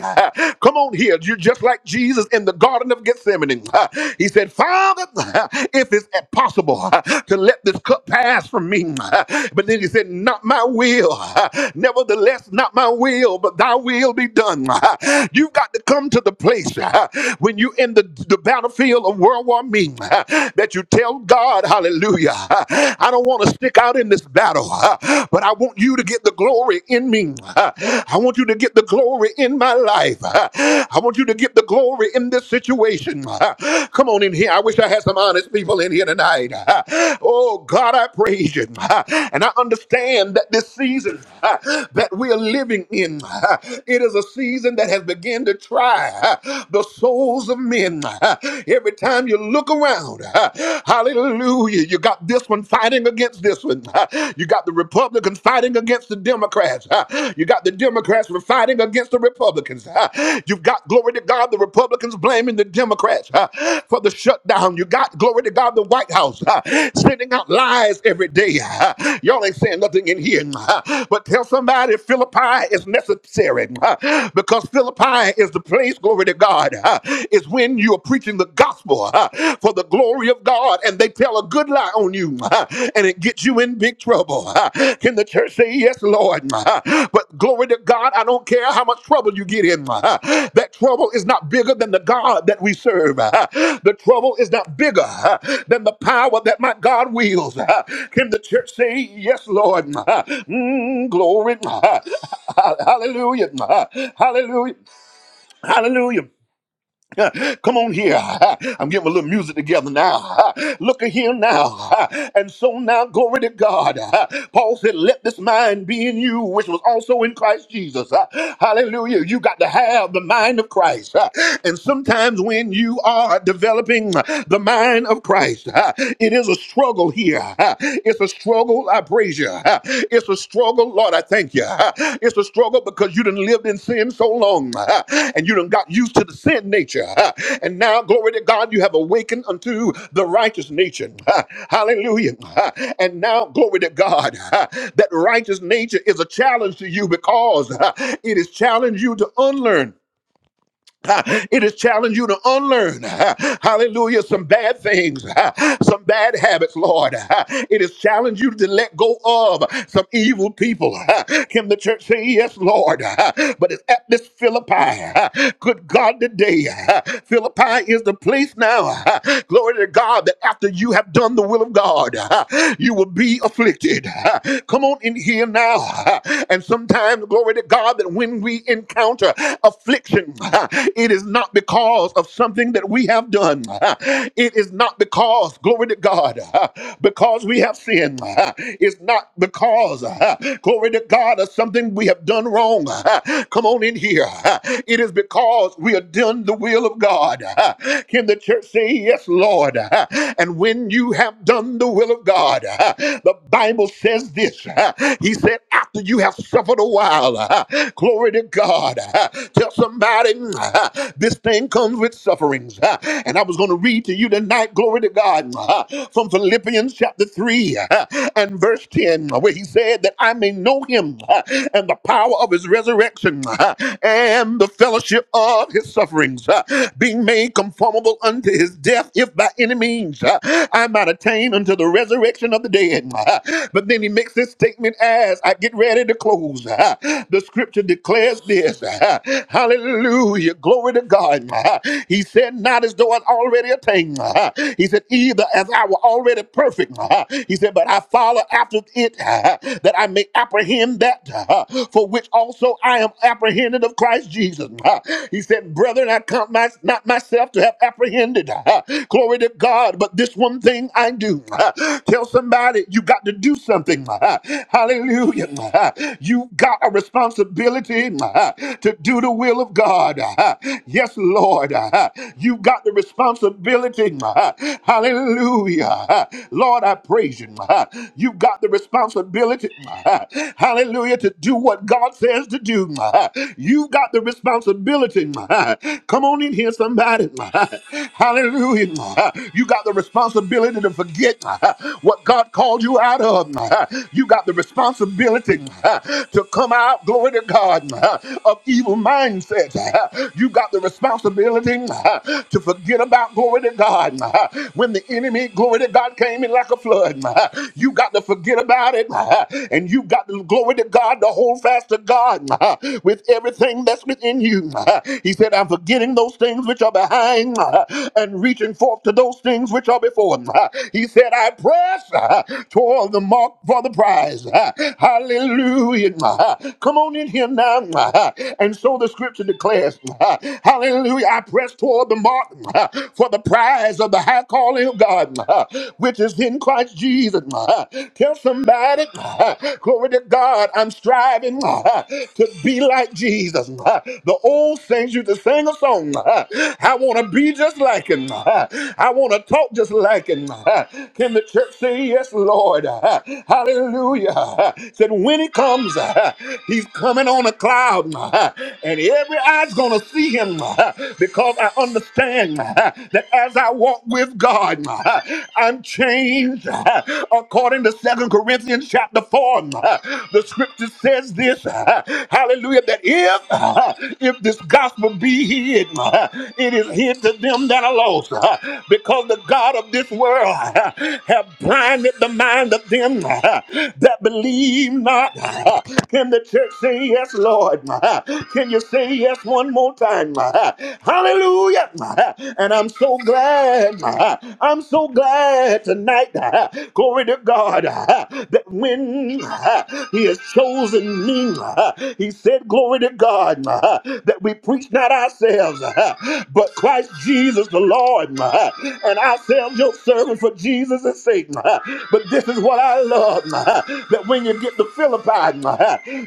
Speaker 3: Come on here. You're just like Jesus in the Garden of Gethsemane. He said, Father, if it's possible to let this cup pass from me. But then he said, Not my will. Nevertheless, not my will, but thy will be done. You've got to come to the place when you're in the, the battlefield of world war me that you tell God, hallelujah. Hallelujah. I don't want to stick out in this battle, uh, but I want you to get the glory in me. Uh, I want you to get the glory in my life. Uh, I want you to get the glory in this situation. Uh, Come on in here. I wish I had some honest people in here tonight. Uh, Oh, God, I praise you. Uh, And I understand that this season uh, that we are living in, uh, it is a season that has begun to try uh, the souls of men. Uh, Every time you look look around. Hallelujah. You got this one fighting against this one. You got the Republicans fighting against the Democrats. You got the Democrats were fighting against the Republicans. You've got, glory to God, the Republicans blaming the Democrats uh, for the shutdown. You got, glory to God, the White House uh, sending out lies every day. Uh, Y'all ain't saying nothing in here. Uh, But tell somebody Philippi is necessary uh, because Philippi is the place, glory to God. Uh, is when you are preaching the gospel huh, for the glory of God and they tell a good lie on you huh, and it gets you in big trouble. huh. Can the church say, Yes, Lord? huh? But glory to God, I don't care how much trouble you get in. huh. That trouble is not bigger than the God that we serve. huh. The trouble is not bigger huh, than the power that my God wields. huh. Can the church say, Yes, Lord? huh? Mm, glory. huh. Hallelujah. huh. Hallelujah. Hallelujah. Come on here. I'm getting a little music together now. Look at here now. And so now, glory to God. Paul said, Let this mind be in you, which was also in Christ Jesus. Hallelujah. You got to have the mind of Christ. And sometimes when you are developing the mind of Christ, it is a struggle here. It's a struggle struggle. I praise you. It's a struggle, Lord. I thank you. It's a struggle because you done lived in sin so long and you done got used to the sin nature. And now, glory to God, you have awakened unto the righteous nature. Hallelujah. And now, glory to God, that righteous nature is a challenge to you because it has challenged you to unlearn. Uh, It has challenged you to unlearn, uh, hallelujah, some bad things, uh, some bad habits, Lord. Uh, It has challenged you to let go of some evil people. Uh, Can the church say, Yes, Lord? Uh, But it's at this Philippi. uh, Good God, today, uh, Philippi is the place now, uh, glory to God, that after you have done the will of God, uh, you will be afflicted. Uh, Come on in here now. uh, And sometimes, glory to God, that when we encounter affliction. It is not because of something that we have done. It is not because, glory to God, because we have sinned. It's not because, glory to God, of something we have done wrong. Come on in here. It is because we have done the will of God. Can the church say, Yes, Lord? And when you have done the will of God, the Bible says this He said, After you have suffered a while, glory to God. Tell somebody, Mm, uh, this thing comes with sufferings. Uh, And I was going to read to you tonight, glory to God, uh, from Philippians chapter 3 uh, and verse 10, where he said that I may know him uh, and the power of his resurrection uh, and the fellowship of his sufferings, uh, being made conformable unto his death, if by any means uh, I might attain unto the resurrection of the dead. Uh, But then he makes this statement as I get ready to close. Uh, The scripture declares this. Uh, Hallelujah. Hallelujah. Glory to God. He said, Not as though I already attained. He said, Either as I were already perfect. He said, But I follow after it that I may apprehend that for which also I am apprehended of Christ Jesus. He said, Brethren, I count my, not myself to have apprehended. Glory to God. But this one thing I do. Tell somebody you got to do something. Hallelujah. You got a responsibility to do the will of God. God. Uh, Yes, Lord. Uh, You've got the responsibility. Uh, Hallelujah. Uh, Lord, I praise you. Uh, You've got the responsibility. Uh, Hallelujah. To do what God says to do. Uh, You've got the responsibility. Uh, Come on in here, somebody. Uh, Hallelujah. Uh, You got the responsibility to forget uh, what God called you out of. Uh, You got the responsibility uh, to come out, glory to God, uh, of evil mindsets. uh, you got the responsibility uh, to forget about glory to God. uh, When the enemy, glory to God, came in like a flood, Uh, you got to forget about it. uh, And you got the glory to God to hold fast to God uh, with everything that's within you. Uh, He said, I'm forgetting those things which are behind uh, and reaching forth to those things which are before. Uh, He said, I press uh, toward the mark for the prize. Uh, Hallelujah. Uh, Come on in here now. Uh, And so the scripture declares, Hallelujah, I press toward the mark for the prize of the high calling of God, which is in Christ Jesus. Tell somebody, glory to God, I'm striving to be like Jesus. The old saints used to sing a song, I want to be just like him. I want to talk just like him. Can the church say yes, Lord? Hallelujah. Said when he comes, he's coming on a cloud, and every every eye's going to see him uh, because I understand uh, that as I walk with God, uh, I'm changed. Uh, According to Second Corinthians chapter 4, uh, the scripture says this, uh, hallelujah, that if, uh, if this gospel be hid, uh, it is hid to them that are lost uh, because the God of this world uh, have blinded the mind of them uh, that believe not. Uh, Can the church say yes, Lord? Uh, Can you say say yes one more time. Hallelujah. And I'm so glad. I'm so glad tonight. Glory to God that when He has chosen me, He said, Glory to God that we preach not ourselves, but Christ Jesus the Lord, and ourselves your servant for Jesus' sake. But this is what I love that when you get to Philippi,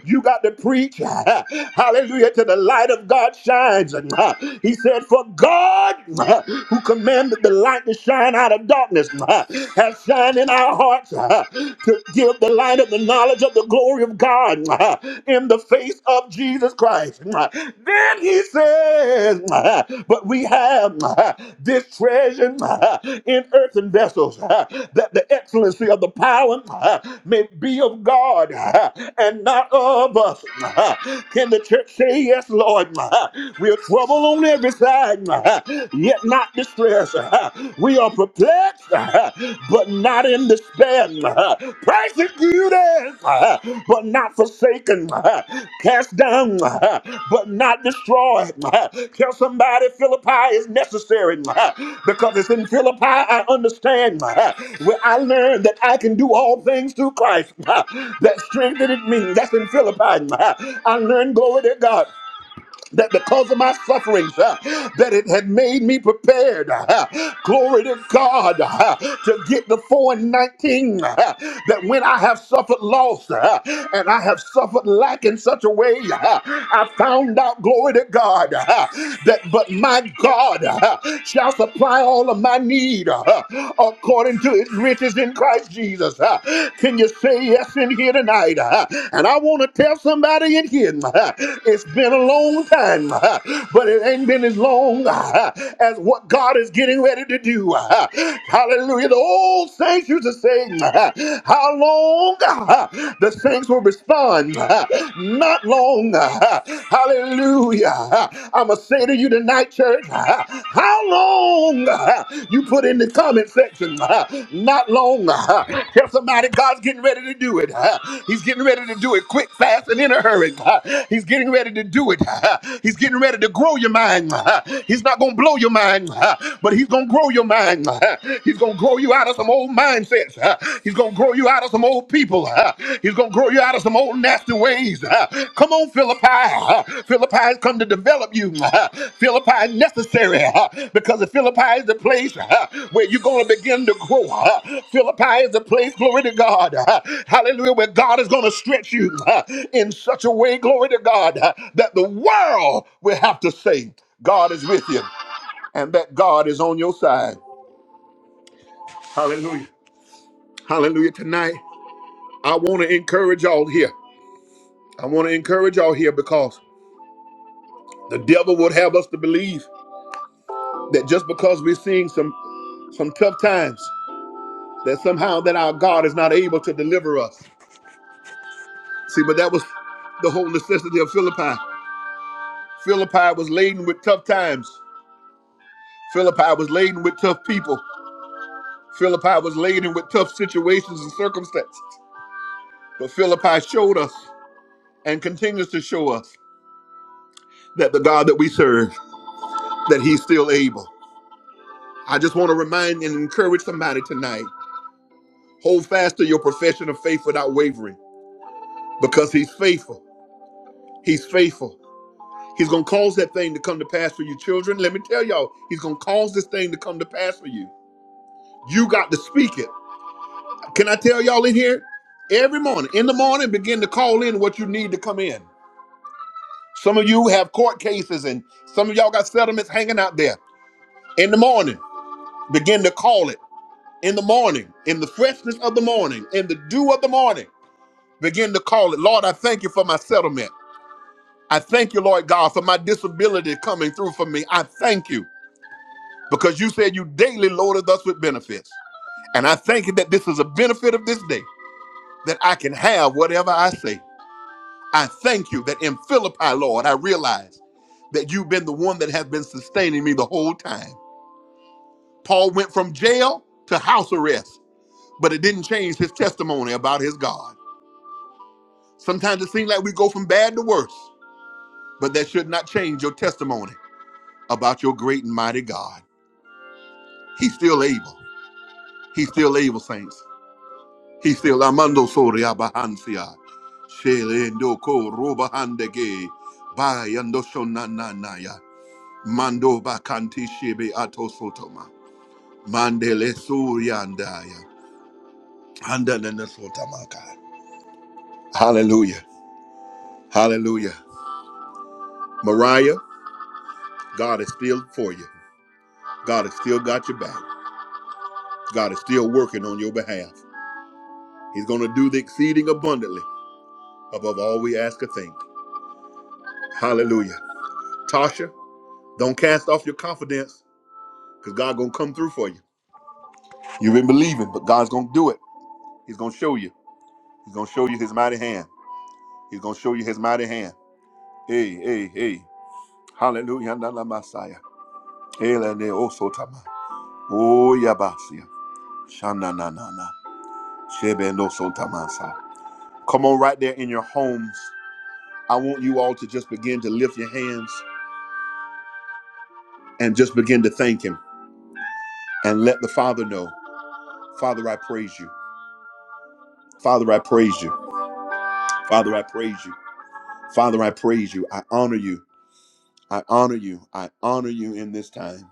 Speaker 3: you got to preach, hallelujah, to the light of God shines. And uh, he said, For God, uh, who commanded the light to shine out of darkness, uh, has shined in our hearts uh, to give the light of the knowledge of the glory of God uh, in the face of Jesus Christ. Uh, Then he says, uh, But we have uh, this treasure uh, in earthen vessels, uh, that the excellency of the power uh, may be of God uh, and not of us. Uh, Can the church say yes? Yes, Lord. We are trouble on every side, yet not distressed. We are perplexed, but not in despair. Persecuted, but not forsaken. Cast down, but not destroyed. Tell somebody Philippi is necessary because it's in Philippi I understand where I learned that I can do all things through Christ that strengthened me. That's in Philippi. I learned glory to God that because of my sufferings, uh, that it had made me prepared. uh, glory to God uh, to get the four and nineteen. uh, that when I have suffered loss uh, and I have suffered lack in such a way, uh, I found out. Glory to God uh, that, but my God uh, shall supply all of my need uh, according to His riches in Christ Jesus. Jesus. Uh, Can you say yes in here tonight? Uh, And I want to tell somebody in here, uh, it's been a long time, uh, but it ain't been as long uh, as what God is getting ready to do. Uh, Hallelujah. The old saints used to say, uh, How long uh, the saints will respond? Uh, Not long. Uh, Hallelujah. Uh, I'm going to say say to you tonight, church, how long you put in the comment section? Not long. Tell somebody God's getting ready to do it. He's getting ready to do it quick, fast, and in a hurry. He's getting ready to do it. He's getting ready to grow your mind. He's not going to blow your mind, but he's going to grow your mind. He's going to grow you out of some old mindsets. He's going to grow you out of some old people. huh? He's going to grow you out of some old nasty ways. huh? Come on, Philippi. huh? Philippi has come to develop you. huh? Philippi is necessary huh? because the Philippi is the place huh, where you're going to begin to grow. huh? Philippi is the place, glory to God. huh? Hallelujah, where God is going to stretch you huh, in such a way, glory to God, huh, that the world will have to say, God is with you and that God is on your side. Hallelujah. Hallelujah. Tonight, I want to encourage y'all here. I want to encourage y'all here because the devil would have us to believe that just because we're seeing some some tough times, that somehow that our God is not able to deliver us. See, but that was the whole necessity of Philippi. Philippi was laden with tough times. Philippi was laden with tough people. Philippi was laden with tough situations and circumstances. But Philippi showed us and continues to show us that the God that we serve, that He's still able. I just want to remind and encourage somebody tonight Hold fast to your profession of faith without wavering because he's faithful. He's faithful. He's going to cause that thing to come to pass for you, children. Let me tell y'all, he's going to cause this thing to come to pass for you. You got to speak it. Can I tell y'all in here? Every morning, in the morning, begin to call in what you need to come in. Some of you have court cases and some of y'all got settlements hanging out there. In the morning, begin to call it. In the morning, in the freshness of the morning, in the dew of the morning, begin to call it. Lord, I thank you for my settlement. I thank you, Lord God, for my disability coming through for me. I thank you because you said you daily loaded us with benefits. And I thank you that this is a benefit of this day, that I can have whatever I say. I thank you that in Philippi, Lord, I realize that you've been the one that has been sustaining me the whole time. Paul went from jail to house arrest, but it didn't change his testimony about his God. Sometimes it seems like we go from bad to worse, but that should not change your testimony about your great and mighty God. He's still able. He's still able, saints. He's still amando soria bahancia. Shelendo ko robahandege. Bayando shonananaya. Mando bakanti shebe ato sotoma. Mandele suriandaya. Andanana sotamaka. Hallelujah. Hallelujah. Mariah, God is still for you. God has still got your back. God is still working on your behalf. He's going to do the exceeding abundantly above all we ask or think. Hallelujah. Tasha, don't cast off your confidence because God gonna come through for you. You've been believing, but God's gonna do it. He's gonna show you. He's gonna show you His mighty hand. He's gonna show you His mighty hand. Hey, hey, hey! Hallelujah, Nana Messiah. Elene osotama. Oh yabasia. Shana na na na. Shebendo sotamasa. Come on, right there in your homes. I want you all to just begin to lift your hands and just begin to thank Him and let the Father know. Father, I praise you. Father, I praise you. Father, I praise you. Father, I praise you. I honor you. I honor you. I honor you in this time.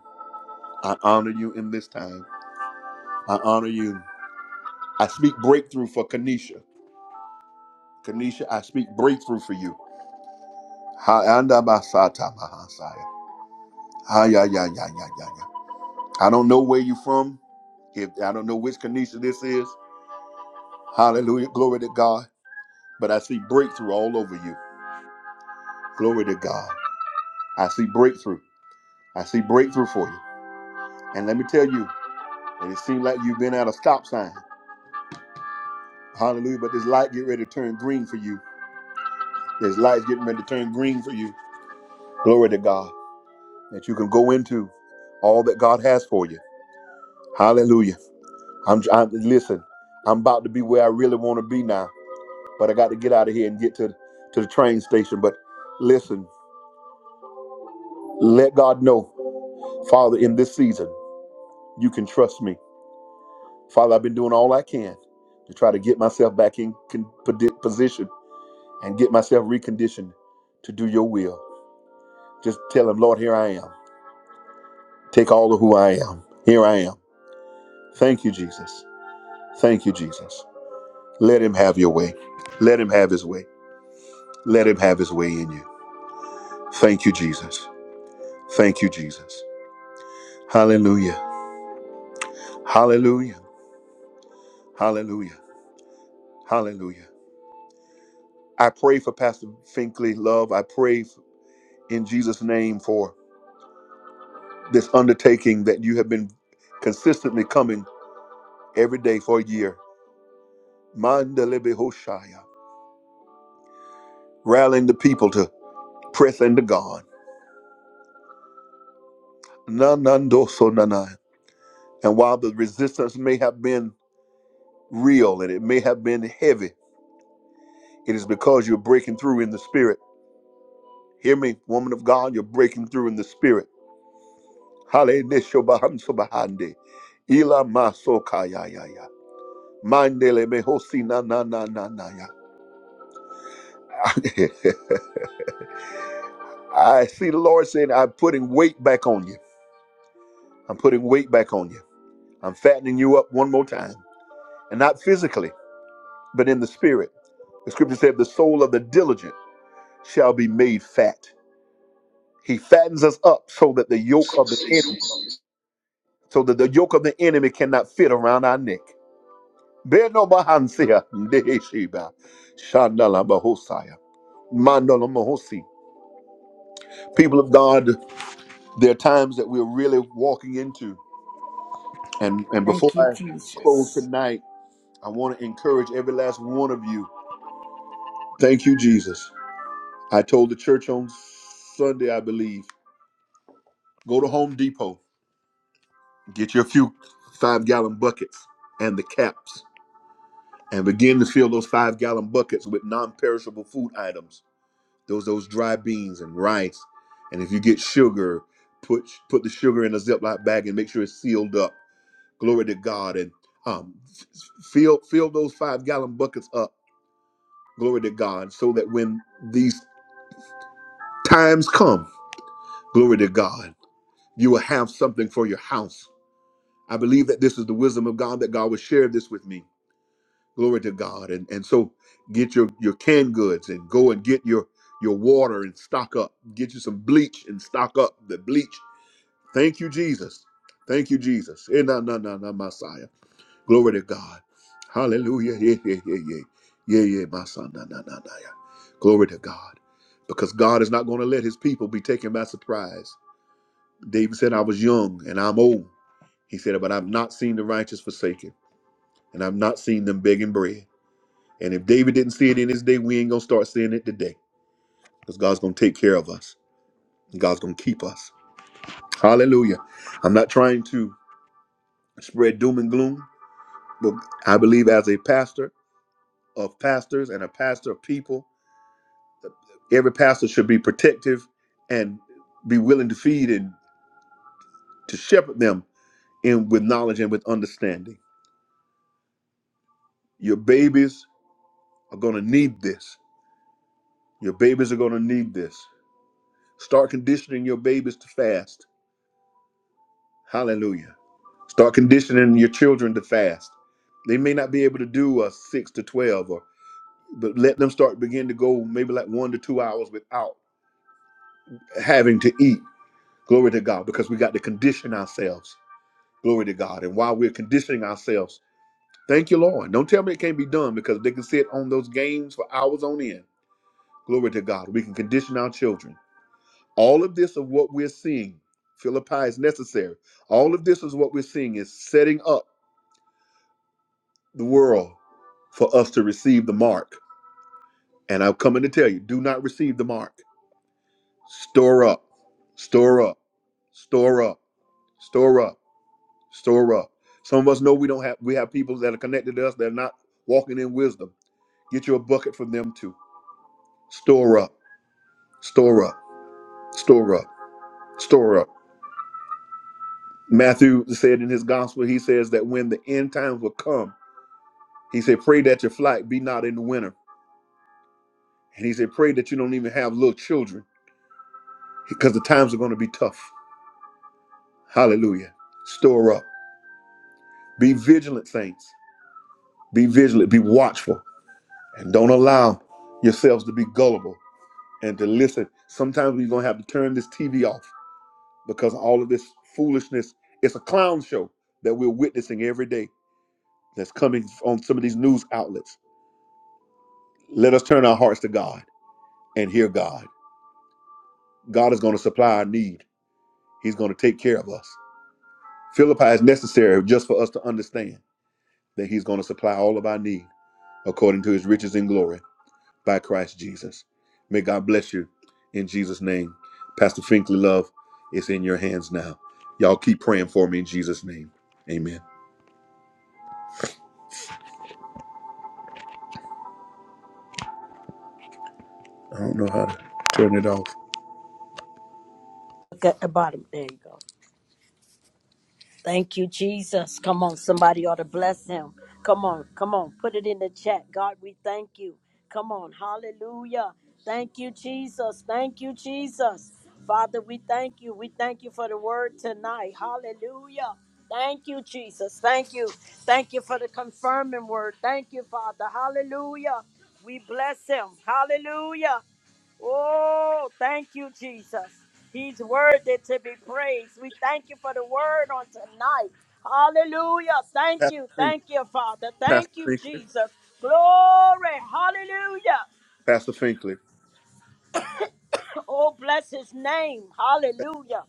Speaker 3: I honor you in this time. I honor you. I speak breakthrough for Kanisha. Kanisha, I speak breakthrough for you. Ha- anda basata mahasaya. Ha- ya- ya- ya- ya- ya- ya. I don't know where you're from. If I don't know which Kanisha this is. Hallelujah. Glory to God. But I see breakthrough all over you. Glory to God. I see breakthrough. I see breakthrough for you. And let me tell you. and it seems like you've been at a stop sign. Hallelujah. But this light get ready to turn green for you. This light's getting ready to turn green for you. Glory to God. That you can go into all that God has for you. Hallelujah. I'm, I'm listen, I'm about to be where I really want to be now. But I got to get out of here and get to, to the train station. But listen, let God know, Father, in this season, you can trust me. Father, I've been doing all I can to try to get myself back in con- posi- position and get myself reconditioned to do your will. Just tell him, Lord, here I am. Take all of who I am. Here I am. Thank you, Jesus. Thank you, Jesus. Let him have your way. Let him have his way. Let him have his way in you. Thank you, Jesus. Thank you, Jesus. Hallelujah. Hallelujah. Hallelujah. Hallelujah. I pray for Pastor Finkley, love. I pray in Jesus' name for this undertaking that you have been consistently coming every day for a year Mandele Behoshaya, rallying the people to press into God. Nanandoso nanai. And while the resistance may have been real and it may have been heavy, it is because you're breaking through in the spirit. Hear me, woman of God, you're breaking through in the spirit. Hale nesho bahamso bahande. Ila maso kayayaya. Mandele behosi na na na na na ya. I see the Lord saying, I'm putting weight back on you. I'm putting weight back on you. I'm fattening you up one more time. and not physically, but in the spirit. The scripture said, The soul of the diligent shall be made fat. He fattens us up so that the yoke of the enemy, so that the yoke of the enemy cannot fit around our neck. Beno bahansia, ndeheshiba, shandala bahosaya, mandala mahosi. People of God, there are times that we're really walking into. And and before
Speaker 1: Thank you,
Speaker 3: I close
Speaker 1: Jesus.
Speaker 3: tonight, I want to encourage every last one of you. Thank you, Jesus. I told the church on Sunday, I believe Go to Home Depot, get your few five gallon buckets and the caps, and begin to fill those five gallon buckets with non perishable food items. Those those dry beans and rice. And if you get sugar, put put the sugar in a Ziploc bag and make sure it's sealed up. Glory to God. And um, f- fill fill those five gallon buckets up. Glory to God. So that when these times come, glory to God, you will have something for your house I believe that this is the wisdom of God that God would share this with me. Glory to God. And and so get your your canned goods and go and get your your water and stock up. Get you some bleach and stock up the bleach. Thank you, Jesus. Thank you, Jesus. Eh, nah, nah, nah, nah, Messiah. Glory to God. Hallelujah. Yeah, yeah, yeah, yeah. Yeah, yeah, my son. Nah, nah, nah, nah, yeah. Glory to God. Because God is not going to let his people be taken by surprise. David said, I was young and I'm old. He said, but I've not seen the righteous forsaken and I've not seen them begging bread. And if David didn't see it in his day, we ain't gonna start seeing it today. Because God's gonna take care of us. and God's gonna keep us. Hallelujah. I'm not trying to spread doom and gloom, but I believe as a pastor of pastors and a pastor of people, every pastor should be protective and be willing to feed and to shepherd them in with knowledge and with understanding. Your babies are gonna need this. Your babies are gonna need this. Start conditioning your babies to fast Hallelujah. Start conditioning your children to fast. They may not be able to do a six to twelve, or but let them start begin to go maybe like one to two hours without having to eat. Glory to God, because we got to condition ourselves. Glory to God. And while we're conditioning ourselves, thank you, Lord. Don't tell me it can't be done because they can sit on those games for hours on end. Glory to God. We can condition our children. All of this of what we're seeing, Philippi is necessary. All of this is what we're seeing is setting up. the world for us to receive the mark. And I'm coming to tell you, do not receive the mark. Store up, store up, store up, store up, store up. Some of us know we don't have we have people that are connected to us that are not walking in wisdom. Get you a bucket from them too. Store up, store up, store up, store up. Matthew said in his gospel, he says that when the end times will come, he said, pray that your flight be not in the winter. And he said, pray that you don't even have little children because the times are going to be tough. Hallelujah. Store up. Be vigilant, saints. Be vigilant. Be watchful. And don't allow yourselves to be gullible and to listen. Sometimes we're going to have to turn this TV off because all of this foolishness, it's a clown show that we're witnessing every day that's coming on some of these news outlets. Let us turn our hearts to God and hear God. God is going to supply our need, He's going to take care of us. Philippi is necessary just for us to understand that He's going to supply all of our need according to his riches in glory by Christ Jesus. May God bless you in Jesus' name. Pastor Finkley, love, it's in your hands now. Y'all keep praying for me in Jesus' name. Amen. I don't know how to turn it off.
Speaker 1: Look at the bottom. There you go. Thank you, Jesus. Come on, somebody ought to bless him. Come on, come on, put it in the chat. God, we thank you. Come on, hallelujah. Thank you, Jesus. Thank you, Jesus. Father, we thank you. We thank you for the word tonight. Hallelujah. Thank you, Jesus. Thank you. Thank you for the confirming word. Thank you, Father. Hallelujah. We bless him. Hallelujah. Oh, thank you, Jesus. He's worthy to be praised. We thank you for the word on tonight. Hallelujah. Thank
Speaker 3: Pastor
Speaker 1: you.
Speaker 3: Finkley,
Speaker 1: Thank you, Father. Thank
Speaker 3: Pastor
Speaker 1: you,
Speaker 3: Finkley,
Speaker 1: Jesus. Glory. Hallelujah.
Speaker 3: Pastor Finkley,
Speaker 1: Oh, bless his name. Hallelujah.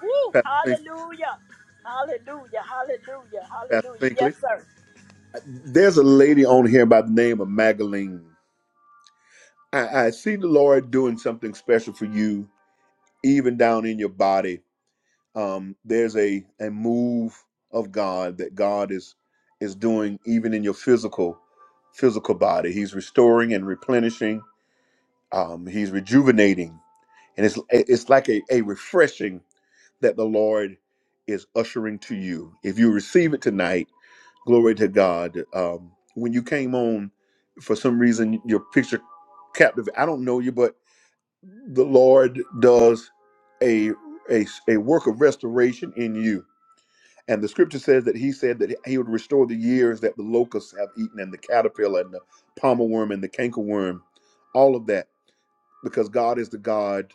Speaker 1: Woo.
Speaker 3: Pastor Finkley,
Speaker 1: Hallelujah. Hallelujah. Hallelujah.
Speaker 3: Pastor
Speaker 1: Hallelujah.
Speaker 3: Finkley.
Speaker 1: Yes, sir.
Speaker 3: There's a lady on here by the name of Magdalene. I, I see the Lord doing something special for you, even down in your body um, there's a a move of God that God is is doing even in your physical physical body. He's restoring and replenishing. Um, he's rejuvenating, and it's it's like a, a refreshing that the Lord is ushering to you. If you receive it tonight, glory to God. Um, when you came on, for some reason your picture captive. I don't know you, but the Lord does a a, a work of restoration in you and the scripture says that he said that he would restore the years that the locusts have eaten and the caterpillar and the palmer worm and the cankerworm, all of that, because God is the God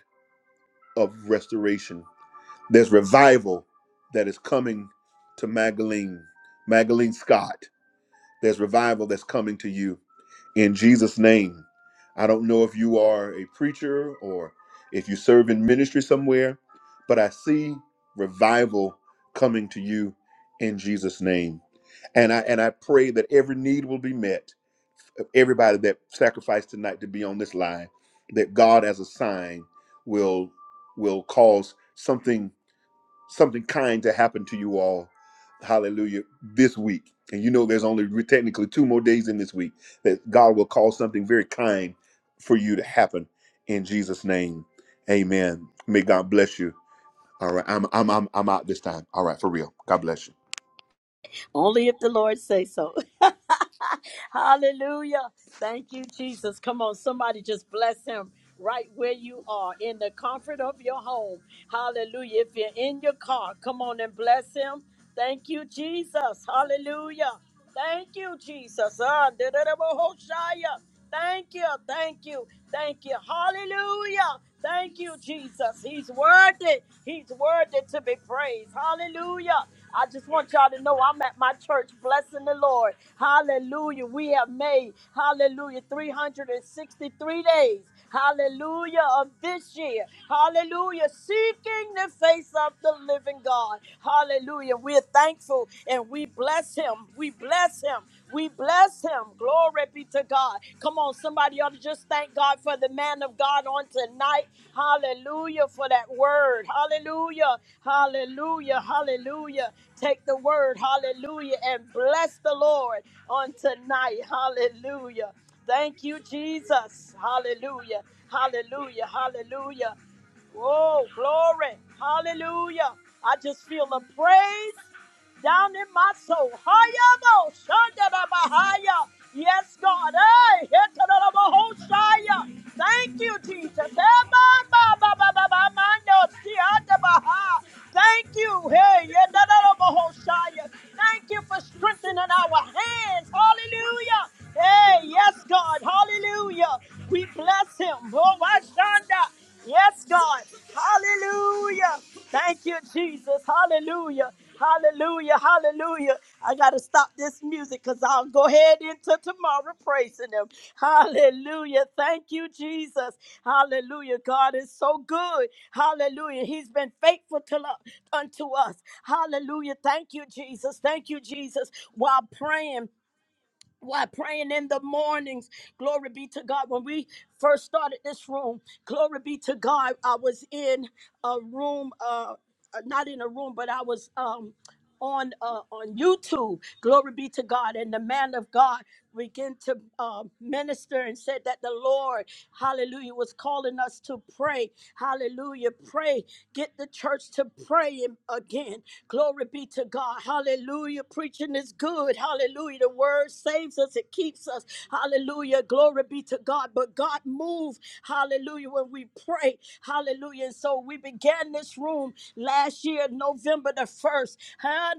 Speaker 3: of restoration. There's revival that is coming to Magdalene, Magdalene Scott. There's revival that's coming to you in Jesus' name. I don't know if you are a preacher or if you serve in ministry somewhere, but I see revival coming to you in Jesus' name. And I and I pray that every need will be met. Everybody that sacrificed tonight to be on this line, that God as a sign will will cause something something kind to happen to you all. Hallelujah. This week. And you know there's only technically two more days in this week that God will cause something very kind for you to happen in Jesus' name. Amen. May God bless you. All right. I'm I'm I'm I'm out this time. All right, for real. God bless you.
Speaker 1: Only if the Lord say so. Hallelujah. Thank you, Jesus. Come on, somebody just bless him right where you are in the comfort of your home. Hallelujah. If you're in your car, come on and bless him. Thank you, Jesus. Hallelujah. Thank you, Jesus. Ah, da-da-da-bo-ho-shia. Thank you. Thank you. Thank you. Hallelujah. Thank you, Jesus. He's worthy. He's worthy to be praised. Hallelujah. I just want y'all to know I'm at my church blessing the Lord. Hallelujah. We have made, hallelujah, 363 days. Hallelujah of this year. Hallelujah. Seeking the face of the living God. Hallelujah. We're thankful and we bless him. We bless him. We bless him. Glory be to God. Come on, somebody ought to just thank God for the man of God on tonight. Hallelujah for that word. Hallelujah. Hallelujah. Hallelujah. Take the word. Hallelujah. And bless the Lord on tonight. Hallelujah. Thank you, Jesus. Hallelujah. Hallelujah. Hallelujah. Oh, glory. Hallelujah. I just feel the praise down in my soul. Hayabo, Shandarabahaya. Yes, God. Hey, Hetarabahosaya. Thank you, Jesus. Ebababababamando, Siadabaha. Thank you. Hey, Yedarabahosaya. Thank you for strengthening our hands. Hallelujah. Hey, yes, God. Hallelujah. We bless him. Oh, my shanda. Yes, God. Hallelujah. Thank you, Jesus. Hallelujah. Hallelujah. Hallelujah. I got to stop this music because I'll go ahead into tomorrow praising Him. Hallelujah. Thank you, Jesus. Hallelujah. God is so good. Hallelujah. He's been faithful to lo- unto us. Hallelujah. Thank you, Jesus. Thank you, Jesus. While praying, why praying in the mornings? Glory be to God. When we first started this room, glory be to God. I was in a room, uh, uh, not in a room, but I was um on uh, on YouTube. Glory be to God. And the man of God began to uh, minister and said that the Lord, Hallelujah, was calling us to pray. Hallelujah, pray. Get the church to pray im- again. Glory be to God. Hallelujah. Preaching is good. Hallelujah. The word saves us. It keeps us. Hallelujah. Glory be to God. But God moved. Hallelujah. When we pray. Hallelujah. And so we began this room last year, November the 1st. Ah,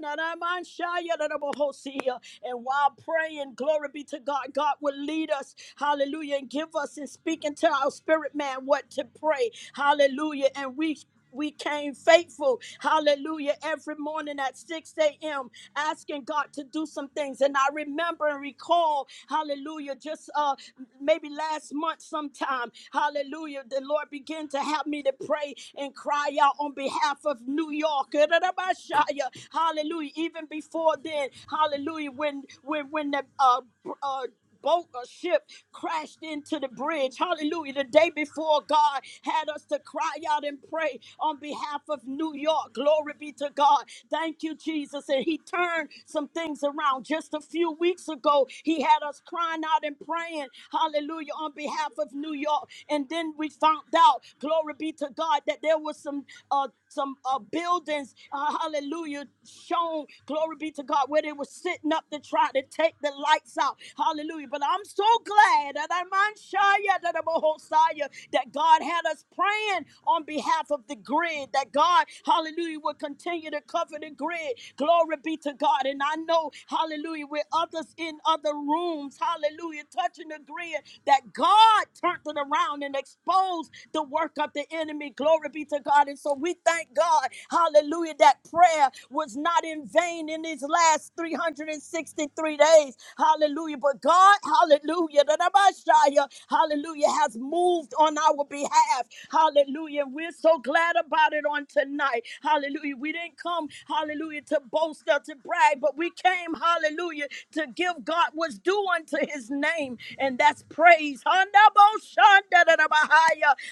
Speaker 1: And while praying, glory be to God, God will lead us, hallelujah, and give us and speak into our spirit man what to pray, hallelujah. And we we came faithful, hallelujah, every morning at 6 a.m., asking God to do some things. And I remember and recall, hallelujah, just uh, maybe last month sometime, hallelujah, the Lord began on to help me to pray and cry out on behalf of New York. Hallelujah. Even before then, hallelujah, when when when the uh, uh boat or ship crashed into the bridge. Hallelujah. The day before God had us to cry out and pray on behalf of New York. Glory be to God. Thank you, Jesus. And He turned some things around. Just a few weeks ago, He had us crying out and praying. Hallelujah. On behalf behalf of New York. And then we found out, glory be to God, that there was some uh, some uh, buildings, uh, hallelujah, shown, glory be to God, where they were sitting up to try to take the lights out. Hallelujah. But I'm so glad that I'm Shia, that I'm that God had us praying on behalf of the grid, that God, hallelujah, will continue to cover the grid. Glory be to God. And I know, hallelujah, with others in other rooms rooms, hallelujah, touching, agreeing that God turned it around and exposed the work of the enemy. Glory be to God. And so we thank God, hallelujah, that prayer was not in vain in these last 363 days. Hallelujah. But God, hallelujah, da- da- ba- shia, hallelujah, has moved on our behalf. Hallelujah. And we're so glad about it on tonight. Hallelujah. We didn't come, hallelujah, to boast or to brag, but we came came, hallelujah, to give God what's due unto his name, and that's praise.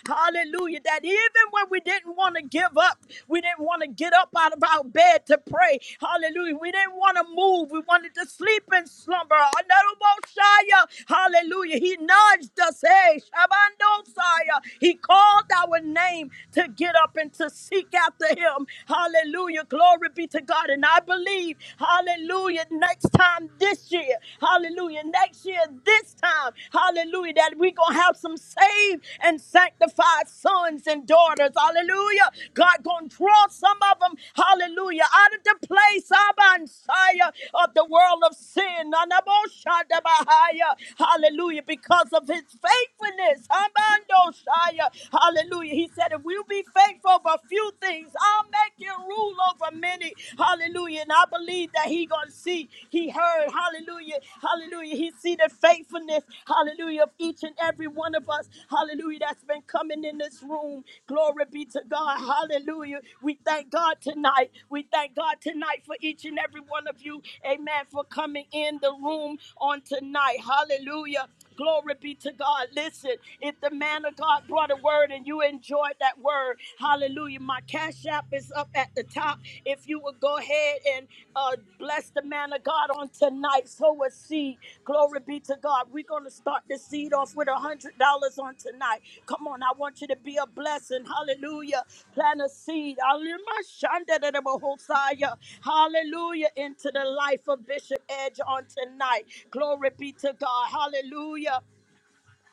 Speaker 1: Hallelujah. That even when we didn't want to give up, we didn't want to get up out of our bed to pray. Hallelujah. We didn't want to move. We wanted to sleep in slumber. Hallelujah. He nudged us. Hey, He called our name to get up and to seek after him. Hallelujah. Glory Glory be to God. And I believe, hallelujah, next time this year, hallelujah, next year this time, hallelujah, that we're going to have some saved and sanctified sons and daughters. Hallelujah. God going to draw some of them, hallelujah, out of the place Abba, and Sire, of the world of sin. Nanaboshadabahaya. Hallelujah. Because of his faithfulness. Abba, and Sire. Hallelujah. He said, if we'll be faithful, over few things. I'll make you rule over many. Hallelujah. And I believe that he gonna see, he heard. Hallelujah. Hallelujah. He see the faithfulness. Hallelujah. Of each and every one of us. Hallelujah. That's been coming in this room. Glory be to God. Hallelujah. We thank God tonight. We thank God tonight for each and every one of you. Amen. For coming in the room on tonight. Hallelujah. Glory be to God. Listen, if the man of God brought a word and you enjoyed that word, hallelujah. My cash app is up at the top. If you would go ahead and uh, bless the man of God on tonight, sow a seed. Glory be to God. We're going to start start the seed off with a hundred dollars on tonight. Come on, I want you to be a blessing. Hallelujah. Plant a seed. Hallelujah. Hallelujah. Into the life of Bishop Edge on tonight. Glory be to God. Hallelujah.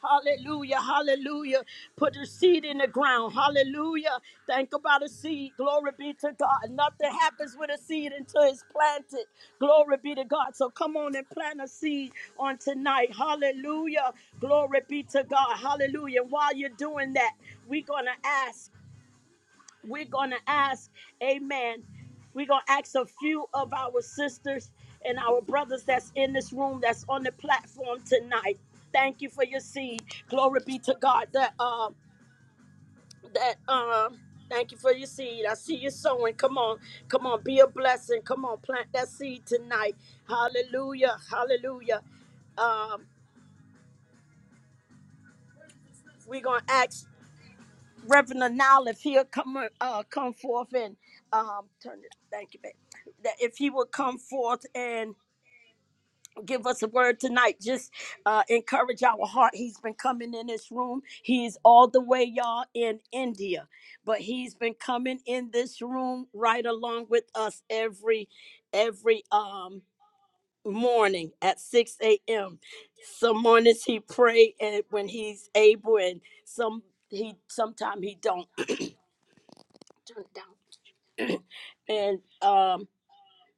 Speaker 1: Hallelujah, hallelujah. Put a seed in the ground. Hallelujah. Think about a seed. Glory be to God. Nothing happens with a seed until it's planted. Glory be to God. So come on and plant a seed on tonight. Hallelujah. Glory be to God. Hallelujah. And while you're doing that, we're going to ask. We're going to ask, amen. We're going to ask a few of our sisters and our brothers that's in this room, that's on the platform tonight. Thank you for your seed. Glory be to God that, um, that, um, Thank you for your seed. I see you sowing. Come on. Come on. Be a blessing. Come on. Plant that seed tonight. Hallelujah. Hallelujah. Um, we're going to ask Reverend Anal, if he'll come uh, come forth and um, turn it, thank you, babe. That if he will come forth and give us a word tonight, just uh, encourage our heart. He's been coming in this room. He's all the way, y'all, in India, but he's been coming in this room right along with us every every um morning at 6 a.m. Some mornings he pray and when he's able, and some he sometime he don't. And um,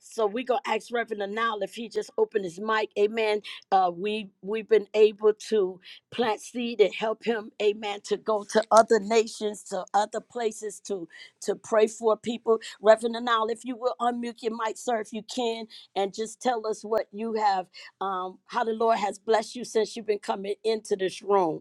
Speaker 1: so we gonna ask Reverend Anal if he just open his mic, amen. Uh, we we've been able to plant seed and help him, amen, to go to other nations, to other places to to pray for people. Reverend Anal, if you will unmute your mic, sir, if you can, and just tell us what you have, um, how the Lord has blessed you since you've been coming into this room.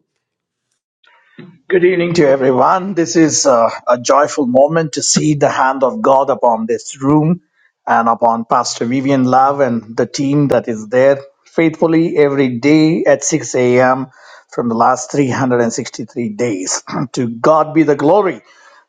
Speaker 4: Good evening to everyone. This is uh, a joyful moment to see the hand of God upon this room and upon Pastor Vivian Love and the team that is there faithfully every day at 6 a.m. from the last 363 days. to God be the glory.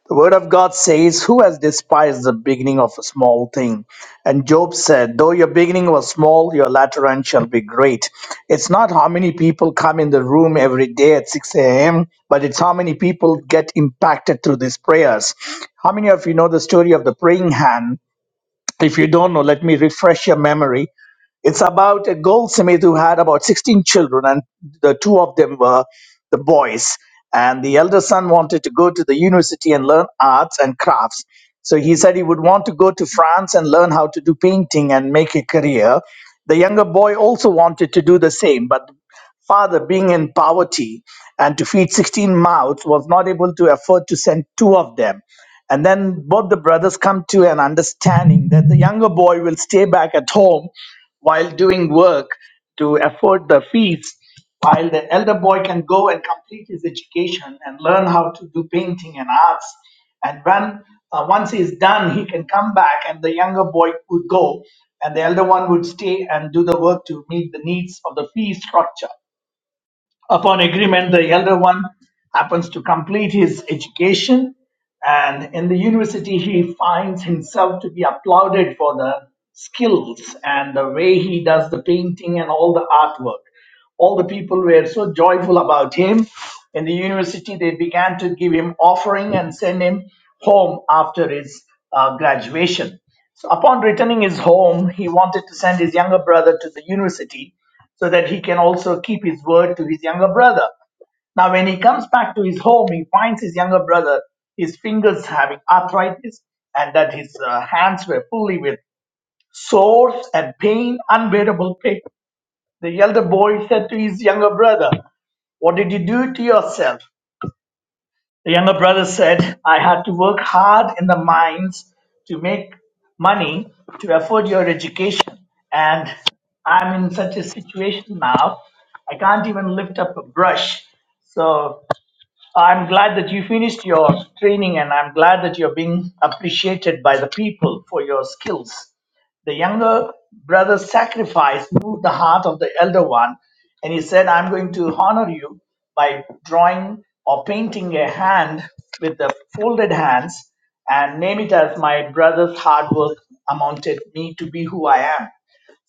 Speaker 4: The word of God says, Who has despised the beginning of a small thing? And Job said, Though your beginning was small, your latter end shall be great. It's not how many people come in the room every day at 6 a.m., but it's how many people get impacted through these prayers. How many of you know the story of the praying hand? If you don't know, let me refresh your memory. It's about a goldsmith who had about 16 children, and the two of them were the boys. And the elder son wanted to go to the university and learn arts and crafts. So he said he would want to go to France and learn how to do painting and make a career. The younger boy also wanted to do the same, but father, being in poverty and to feed 16 mouths, was not able to afford to send two of them. And then both the brothers come to an understanding that the younger boy will stay back at home while doing work to afford the fees, while the elder boy can go and complete his education and learn how to do painting and arts. And when uh, once he's done, he can come back, and the younger boy would go, and the elder one would stay and do the work to meet the needs of the fee structure. Upon agreement, the elder one happens to complete his education, and in the university, he finds himself to be applauded for the skills and the way he does the painting and all the artwork all the people were so joyful about him. In the university, they began to give him offering and send him home after his uh, graduation. So, upon returning his home, he wanted to send his younger brother to the university so that he can also keep his word to his younger brother. Now, when he comes back to his home, he finds his younger brother, his fingers having arthritis, and that his uh, hands were fully with sores and pain, unbearable pain. The elder boy said to his younger brother, What did you do to yourself? The younger brother said, I had to work hard in the mines to make money to afford your education. And I'm in such a situation now, I can't even lift up a brush. So I'm glad that you finished your training and I'm glad that you're being appreciated by the people for your skills. The younger brother's sacrifice moved the heart of the elder one, and he said, I'm going to honor you by drawing or painting a hand with the folded hands and name it as my brother's hard work amounted me to be who I am.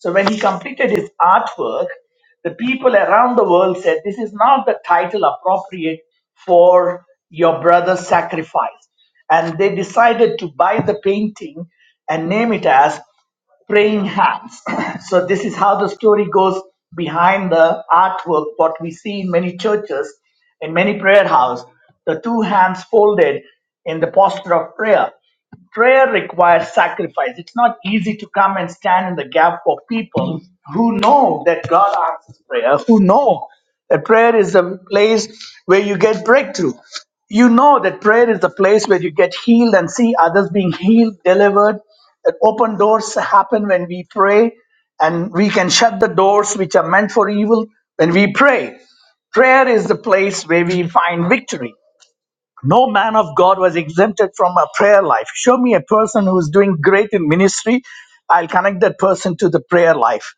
Speaker 4: So when he completed his artwork, the people around the world said, This is not the title appropriate for your brother's sacrifice. And they decided to buy the painting and name it as Praying Hands. so, this is how the story goes behind the artwork, what we see in many churches, in many prayer houses, the two hands folded in the posture of prayer. Prayer requires sacrifice. It's not easy to come and stand in the gap for people who know that God answers prayer, who know that prayer is a place where you get breakthrough. You know that prayer is the place where you get healed and see others being healed, delivered. That open doors happen when we pray, and we can shut the doors which are meant for evil when we pray. Prayer is the place where we find victory no man of God was exempted from a prayer life. Show me a person who's doing great in ministry. I'll connect that person to the prayer life.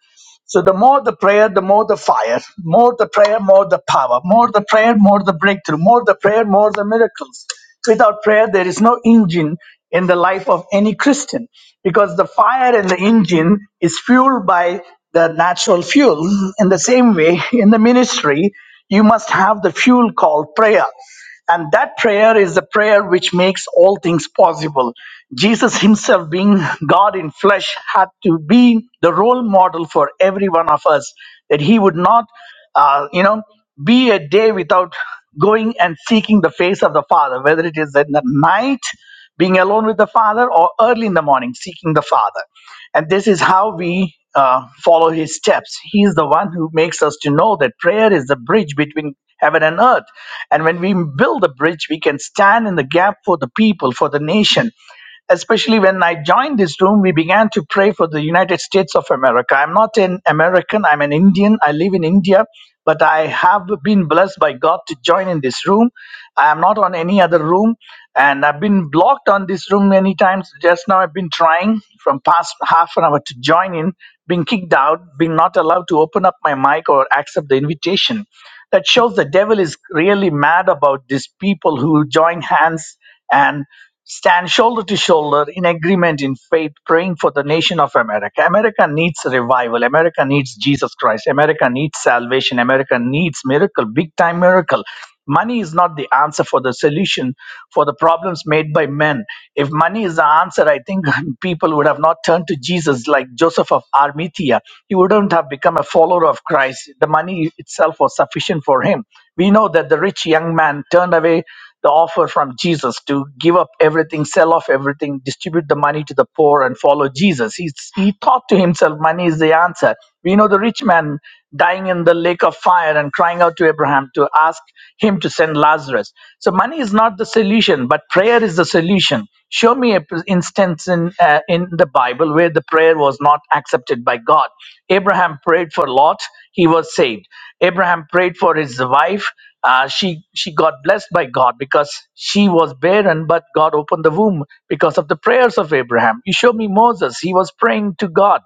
Speaker 4: So the more the prayer, the more the fire. More the prayer, more the power. More the prayer, more the breakthrough. More the prayer, more the miracles. Without prayer, there is no engine in the life of any Christian because the fire in the engine is fueled by the natural fuel. In the same way, in the ministry, you must have the fuel called prayer and that prayer is the prayer which makes all things possible. Jesus himself, being God in flesh, had to be the role model for every one of us, that he would not, uh, you know, be a day without going and seeking the face of the Father, whether it is in the night being alone with the Father, or early in the morning, seeking the Father. And this is how we uh, follow His steps. He is the one who makes us to know that prayer is the bridge between heaven and earth. And when we build a bridge, we can stand in the gap for the people, for the nation especially when I joined this room, we began to pray for the United States of America. I'm not an American, I'm an Indian. I live in India, but I have been blessed by God to join in this room. I am not on any other room, and I've been blocked on this room many times. Just now, I've been trying from past half an hour to join in, being kicked out, being not allowed to open up my mic or accept the invitation. That shows the devil is really mad about these people who join hands and stand shoulder to shoulder in agreement in faith, praying for the nation of America. America needs revival. America needs Jesus Christ. America needs salvation. America needs miracle, big time miracle. Money is not the answer for the solution for the problems made by men. If money is the answer, I think people would have not turned to Jesus like Joseph of Arimathea. He wouldn't have become a follower of Christ. The money itself was sufficient for him. We know that the rich young man turned away the offer from Jesus to give up everything, sell off everything, distribute the money to the poor, and follow Jesus. He, he thought to himself, money is the answer. We know the rich man dying in the lake of fire and crying out to Abraham to ask him to send Lazarus. So, money is not the solution, but prayer is the solution. Show me an instance in, uh, in the Bible where the prayer was not accepted by God. Abraham prayed for Lot, he was saved. Abraham prayed for his wife uh, she she got blessed by God because she was barren, but God opened the womb because of the prayers of Abraham. You show me Moses; he was praying to God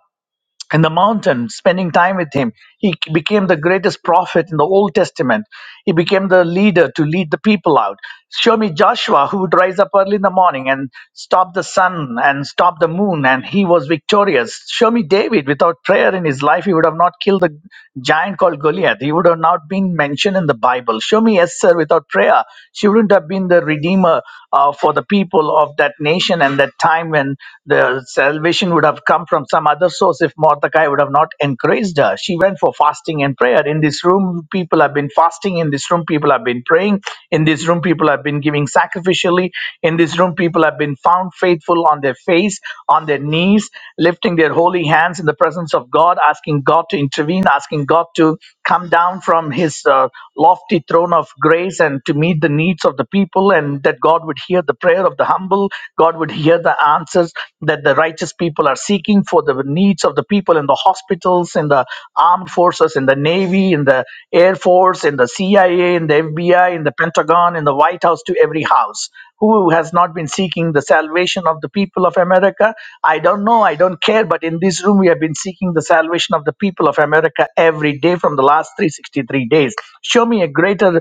Speaker 4: in the mountain, spending time with him. He became the greatest prophet in the Old Testament. He became the leader to lead the people out. Show me Joshua, who would rise up early in the morning and stop the sun and stop the moon, and he was victorious. Show me David, without prayer in his life, he would have not killed the giant called Goliath. He would have not been mentioned in the Bible. Show me Esther, without prayer, she wouldn't have been the redeemer uh, for the people of that nation and that time when the salvation would have come from from some other source if Mordecai would have not encouraged her. She went for fasting and prayer. In this room, people have been fasting. In this room, people have been praying. In this room, people have been giving sacrificially. In this room, people have been found faithful on their face, on their knees, lifting their holy hands in the presence of God, asking God to intervene, asking God to come down from his uh, lofty throne of grace and to meet the needs of the people, and that God would hear the prayer of the humble, God would hear the answers that the righteous people are seeking for the needs of the people in the hospitals, in the armed forces, in the Navy, in the Air Force, in the CIA, in the FBI, in the Pentagon, in the White House, to every house. Who has not been seeking the salvation of the people of America? I don't know. I don't care. But in this room, we have been seeking the salvation of the people of America every day from the last 363 days. Show me a greater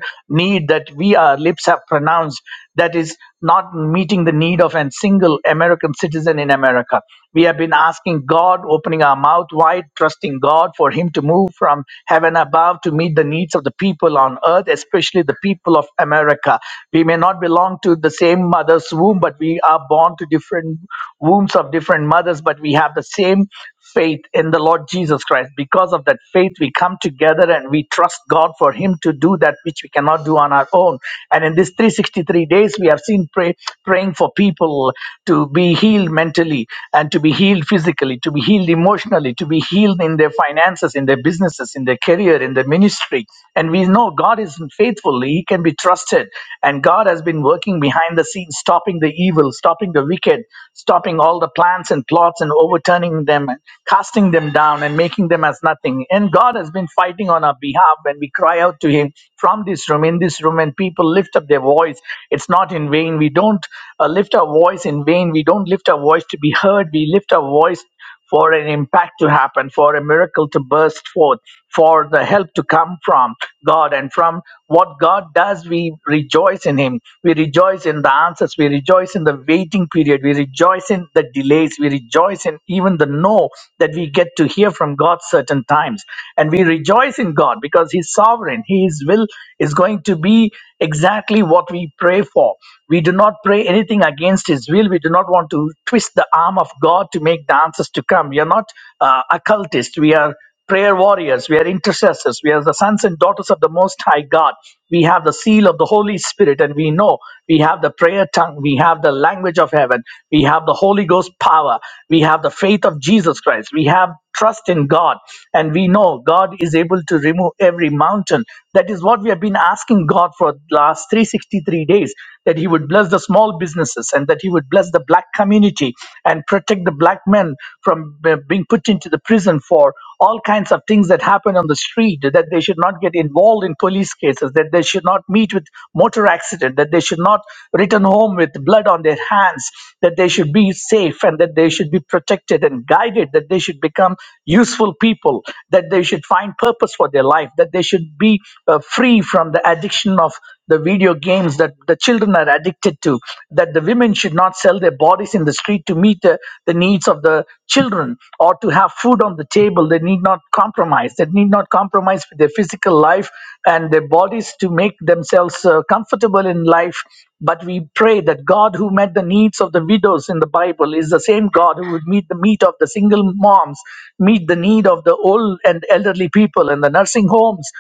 Speaker 4: need that we, our lips have pronounced that is not meeting the need of a single American citizen in America. We have been asking God, opening our mouth wide, trusting God for Him to move from heaven above to meet the needs of the people on earth, especially the people of America. We may not belong to the same mother's womb, but we are born to different wombs of different mothers, but we have the same faith in the Lord Jesus Christ. Because of that faith, we come together and we trust God for Him to do that which we cannot do on our own. And in these 363 days, we have seen pray, praying for people to be healed mentally and to be healed physically, to be healed emotionally, to be healed in their finances, in their businesses, in their career, in their ministry. And we know God is faithful, He can be trusted. And God has been working behind the scenes, stopping the evil evil, stopping the wicked, stopping all the plans and plots and overturning them and casting them down and making them as nothing. And God has been fighting on our behalf when we cry out to Him from this room, in this room, and people lift up their voice. It's not in vain. We don't uh, lift our voice in vain. We don't lift our voice to be heard. We lift our voice for an impact to happen, for a miracle to burst forth, for the help to come from God. And from what God does, we rejoice in Him. We rejoice in the answers. We rejoice in the waiting period. We rejoice in the delays. We rejoice in even the no that we get to hear from God certain times. And we rejoice in God because He's sovereign. His will is going to be exactly what we pray for. We do not pray anything against His will. We do not want to twist the arm of God to make the answers to come. We are not uh, occultists. We are prayer warriors. We are intercessors. We are the sons and daughters of the Most High God. We have the seal of the Holy Spirit, and we know we have the prayer tongue. We have the language of heaven. We have the Holy Ghost power. We have the faith of Jesus Christ. We have trust in God, and we know God is able to remove every mountain. That is what we have been asking God for the last 363 days that He would bless the small businesses and that He would bless the black community and protect the black men from uh, being put into the prison for all kinds of things that happen on the street, that they should not get involved in police cases, that they should not meet with motor accident, that they should not return home with blood on their hands, that they should be safe and that they should be protected and guided, that they should become useful people, that they should find purpose for their life, that they should be uh, uh, free from the addiction of the video games that the children are addicted to that the women should not sell their bodies in the street to meet the, the needs of the children or to have food on the table they need not compromise they need not compromise with their physical life and their bodies to make themselves uh, comfortable in life but we pray that god who met the needs of the widows in the bible is the same god who would meet the need of the single moms meet the need of the old and elderly people in the nursing homes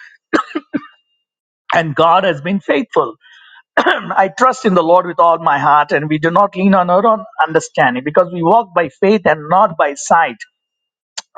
Speaker 4: and God has been faithful. I trust in the Lord with all my heart, and we do not lean on our own understanding because we walk by faith and not by sight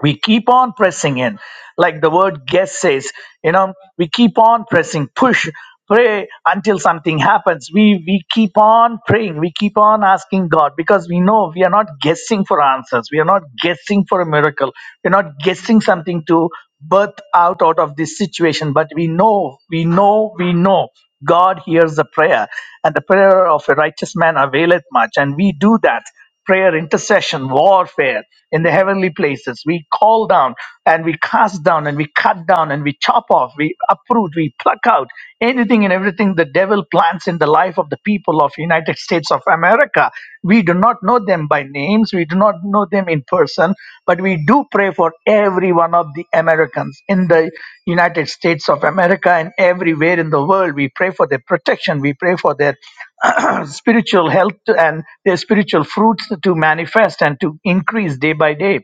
Speaker 4: we keep on pressing in like the word guess says you know we keep on pressing push pray until something happens we we keep on praying we keep on asking god because we know we are not guessing for answers we are not guessing for a miracle we're not guessing something to birth out out of this situation but we know we know we know god hears the prayer and the prayer of a righteous man availeth much and we do that prayer, intercession, warfare in the heavenly places. We call down and we cast down and we cut down and we chop off, we uproot, we pluck out anything and everything the devil plants in the life of the people of United States of America. We do not know them by names. We do not not know them in person, but we do pray for every one of the Americans in the United States of America and everywhere in the world. We pray for their protection. We pray for their spiritual health and their spiritual fruits to manifest and to increase day by day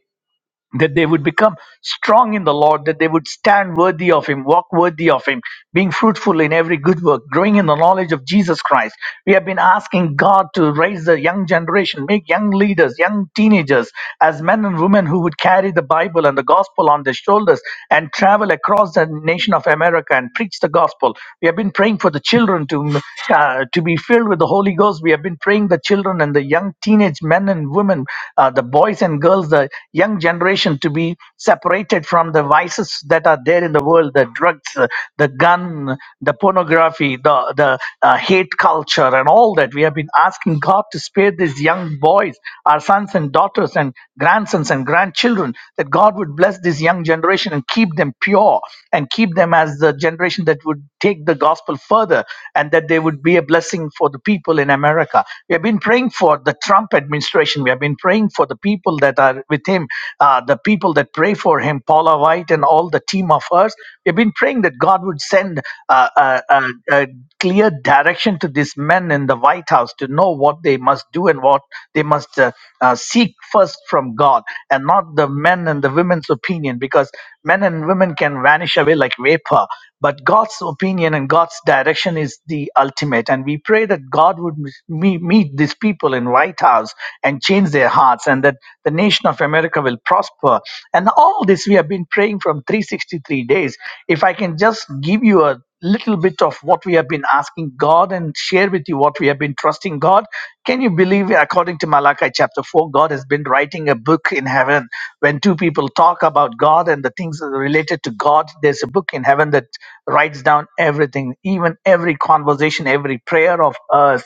Speaker 4: that they would become strong in the Lord, that they would stand worthy of Him, walk worthy of Him, being fruitful in every good work, growing in the knowledge of Jesus Christ. We have been asking God to raise the young generation, make young leaders, young teenagers, as men and women who would carry the Bible and the gospel on their shoulders and travel across the nation of America and preach the gospel. We have been praying for the children to, uh, to be filled with the Holy Ghost. We have been praying the children and the young teenage men and women, uh, the boys and girls, the young young generation to be separated from the vices that are there in the world the drugs uh, the gun the pornography the the uh, hate culture and all that we have been asking god to spare these young boys our sons and daughters and grandsons and grandchildren that god would bless this young generation and keep them pure and keep them as the generation that would take the gospel further and that they would be a blessing for the people in america we have been praying for the trump administration we have been praying for the people that are are with him, uh, the people that pray for him, Paula White and all the team of us, we've been praying that God would send uh, a, a, a clear direction to these men in the White House to know what they must do and what they must uh, uh, seek first from God and not the men and the women's opinion because men and women can vanish away like vapor. But God's opinion and God's direction is the ultimate. And we pray that God would me- meet these people in White House and change their hearts and that the nation of America will prosper. And all this we have been praying from 363 days. If I can just give you a little bit of what we have been asking God and share with you what we have been trusting God, can you believe, according to Malachi chapter 4, God has been writing a book in heaven. When two people talk about God and the things that are related to God, there's a book in heaven that writes down everything, even every conversation, every prayer of us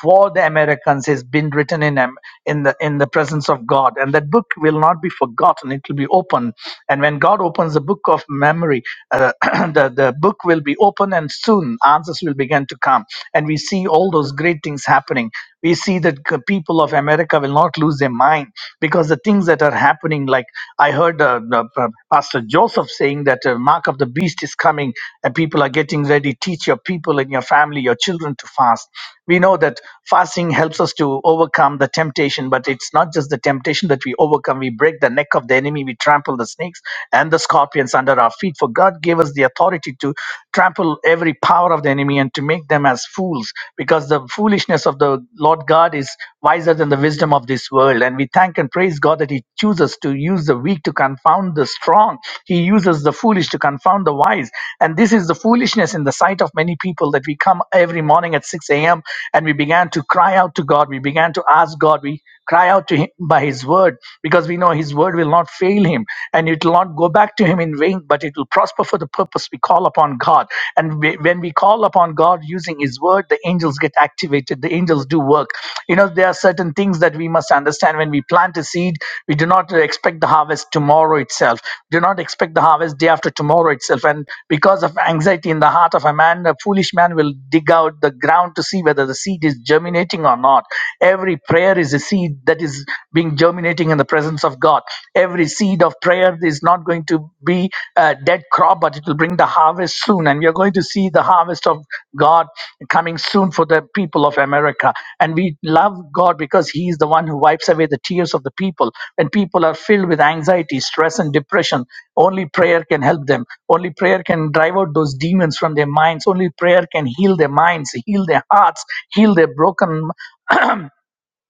Speaker 4: for the Americans has been written in Am- in the in the presence of God, and that book will not be forgotten. It will be open, and when God opens the book of memory, uh, the the book will be open, and soon answers will begin to come. And we see all those great things happening. We see that the people of America will not lose their mind because the things that are happening, like I heard uh, the, uh, Pastor Joseph saying that uh, mark of the beast is coming, and people are getting ready. Teach your people and your family, your children to fast we know that fasting helps us to overcome the temptation but it's not just the temptation that we overcome we break the neck of the enemy we trample the snakes and the scorpions under our feet for god gave us the authority to trample every power of the enemy and to make them as fools because the foolishness of the lord god is wiser than the wisdom of this world and we thank and praise god that he chooses to use the weak to confound the strong wrong. He uses the foolish to confound the wise. And this is the foolishness in the sight of many people that we come every morning at 6 a.m. and we began to cry out to God. We began to ask God. We cry out to Him by His word because we know His word will not fail Him and it will not go back to Him in vain, but it will prosper for the purpose we call upon God. And we, when we call upon God using His word, the angels get activated. The angels do work you know there are certain things that we must understand when we plant a seed we do not expect the harvest tomorrow itself do not expect the harvest day after tomorrow itself and because of anxiety in the heart of a man a foolish man will dig out the ground to see whether the seed is germinating or not every prayer is a seed that is being germinating in the presence of god every seed of prayer is not going to be the uh, dead crop, but it will bring the harvest soon. And we are going to see the harvest of God coming soon for the people of America. And we love God because He is the one who wipes away the tears of the people. When people are filled with anxiety, stress, and depression, only prayer can help them. Only prayer can drive out those demons from their minds. Only prayer can heal their minds, heal their hearts, heal their broken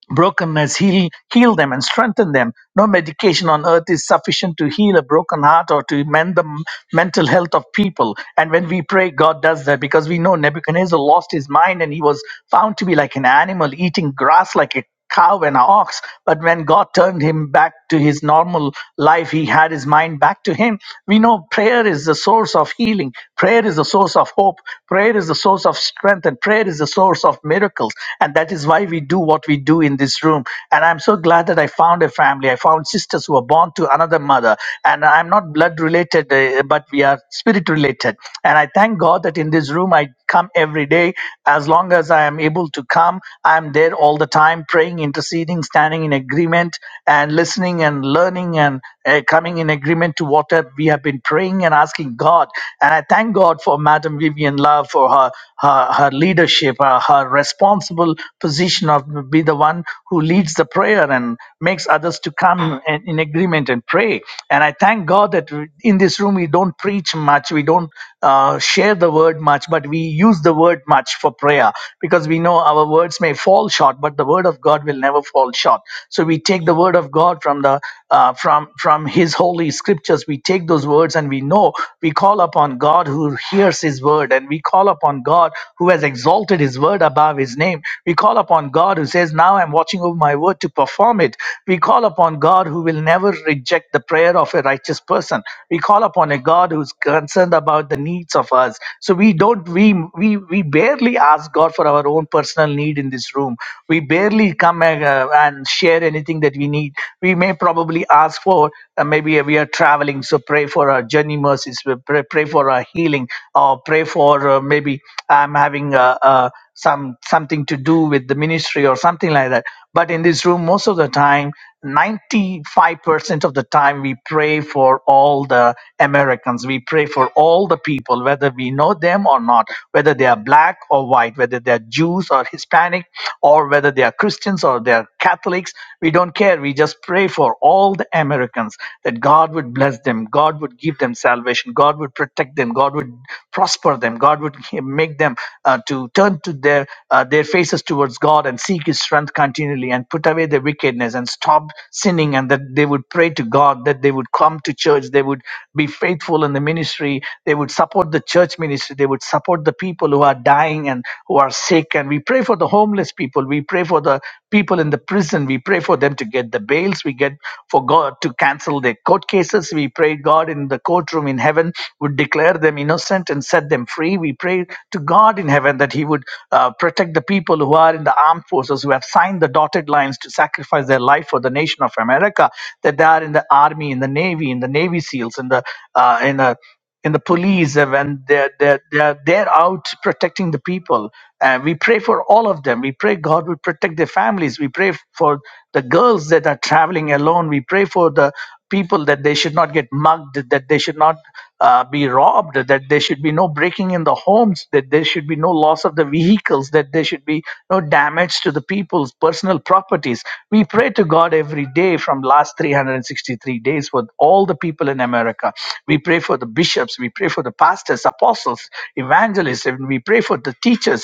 Speaker 4: brokenness heal heal them and strengthen them no medication on earth is sufficient to heal a broken heart or to mend the m- mental health of people and when we pray god does that because we know nebuchadnezzar lost his mind and he was found to be like an animal eating grass like a cow and an ox but when god turned him back to his normal life he had his mind back to him we know prayer is the source of healing prayer is the source of hope prayer is the source of strength and prayer is the source of miracles miracles. And that is why we do what we do in this room. And I'm so glad that I found a family. I found sisters who are born to another mother. And I'm not blood related, uh, but we are spirit related. And I thank God that in this room I come every day. As long as I am able to come, I'm there all the time, praying, interceding, standing in agreement, and listening and learning. And uh, coming in agreement to what uh, we have been praying and asking God. And I thank God for Madam Vivian Love for her her, her leadership, uh, her responsible position of be the one who leads the prayer and makes others to come in, in agreement and pray. And I thank God that we- in this room we don't preach much, we don't uh, share the word much, but we use the word much for prayer because we know our words may fall short, but the word of God will never fall short. So we take the word of God from the the uh, from from His holy scriptures. We take those words and we know we call upon God who hears His word, and we call upon God who has exalted His word above His name. We call upon God who says, "Now I'm watching over my word to perform it." We call upon God who will never reject the prayer of a righteous person. We call upon a God who's concerned about the needs of us. So we don't we we we barely ask God for our own personal need in this room. We barely come uh, and share anything anything that we need. We may probably ask for, uh, maybe we are traveling, so pray for our journey mercies, we pray, pray for our healing, or pray for uh, maybe I'm having uh, uh, some something to do with the ministry or something like that. But in this room, most of the time, 95% of the time, we pray for all the Americans. We pray for all the people, whether we know them or not, whether they are black or white, whether they are Jews or Hispanic, or whether they are Christians or they are are Catholics. We don't care. We just pray for all the Americans that God would bless them, God would give them salvation, God would protect them, God would prosper them, God would make them uh, to turn to their uh, their faces towards God and seek His strength continually and put away their wickedness and stop sinning, and that they would pray to God, that they would come to church, they would be faithful in the ministry, they would support the church ministry, they would support the people who are dying and who are sick, and we pray for the homeless people, we pray pray for the people in the prison. We pray for them to get the bails. We get for God to cancel their court cases. We pray God in the courtroom in heaven would declare them innocent and set them free. We pray to God in heaven that He would uh, protect the people who are in the armed forces who have signed the dotted lines to sacrifice their life for the nation of America. That they are in the army, in the navy, in the Navy SEALs, in the uh, in the in the police uh, when they're, they're, they're, they're out protecting the people and we pray for all of them we pray god will protect their families we pray for the girls that are traveling alone we pray for the people that they should not get mugged that they should not uh, be robbed that there should be no breaking in in the homes, that there should be no loss of the vehicles, that there should be no damage to the people's personal properties. We pray to God every day from last 363 days for all the people in America. We pray for the bishops, we pray for the pastors, apostles, evangelists, and we pray for the teachers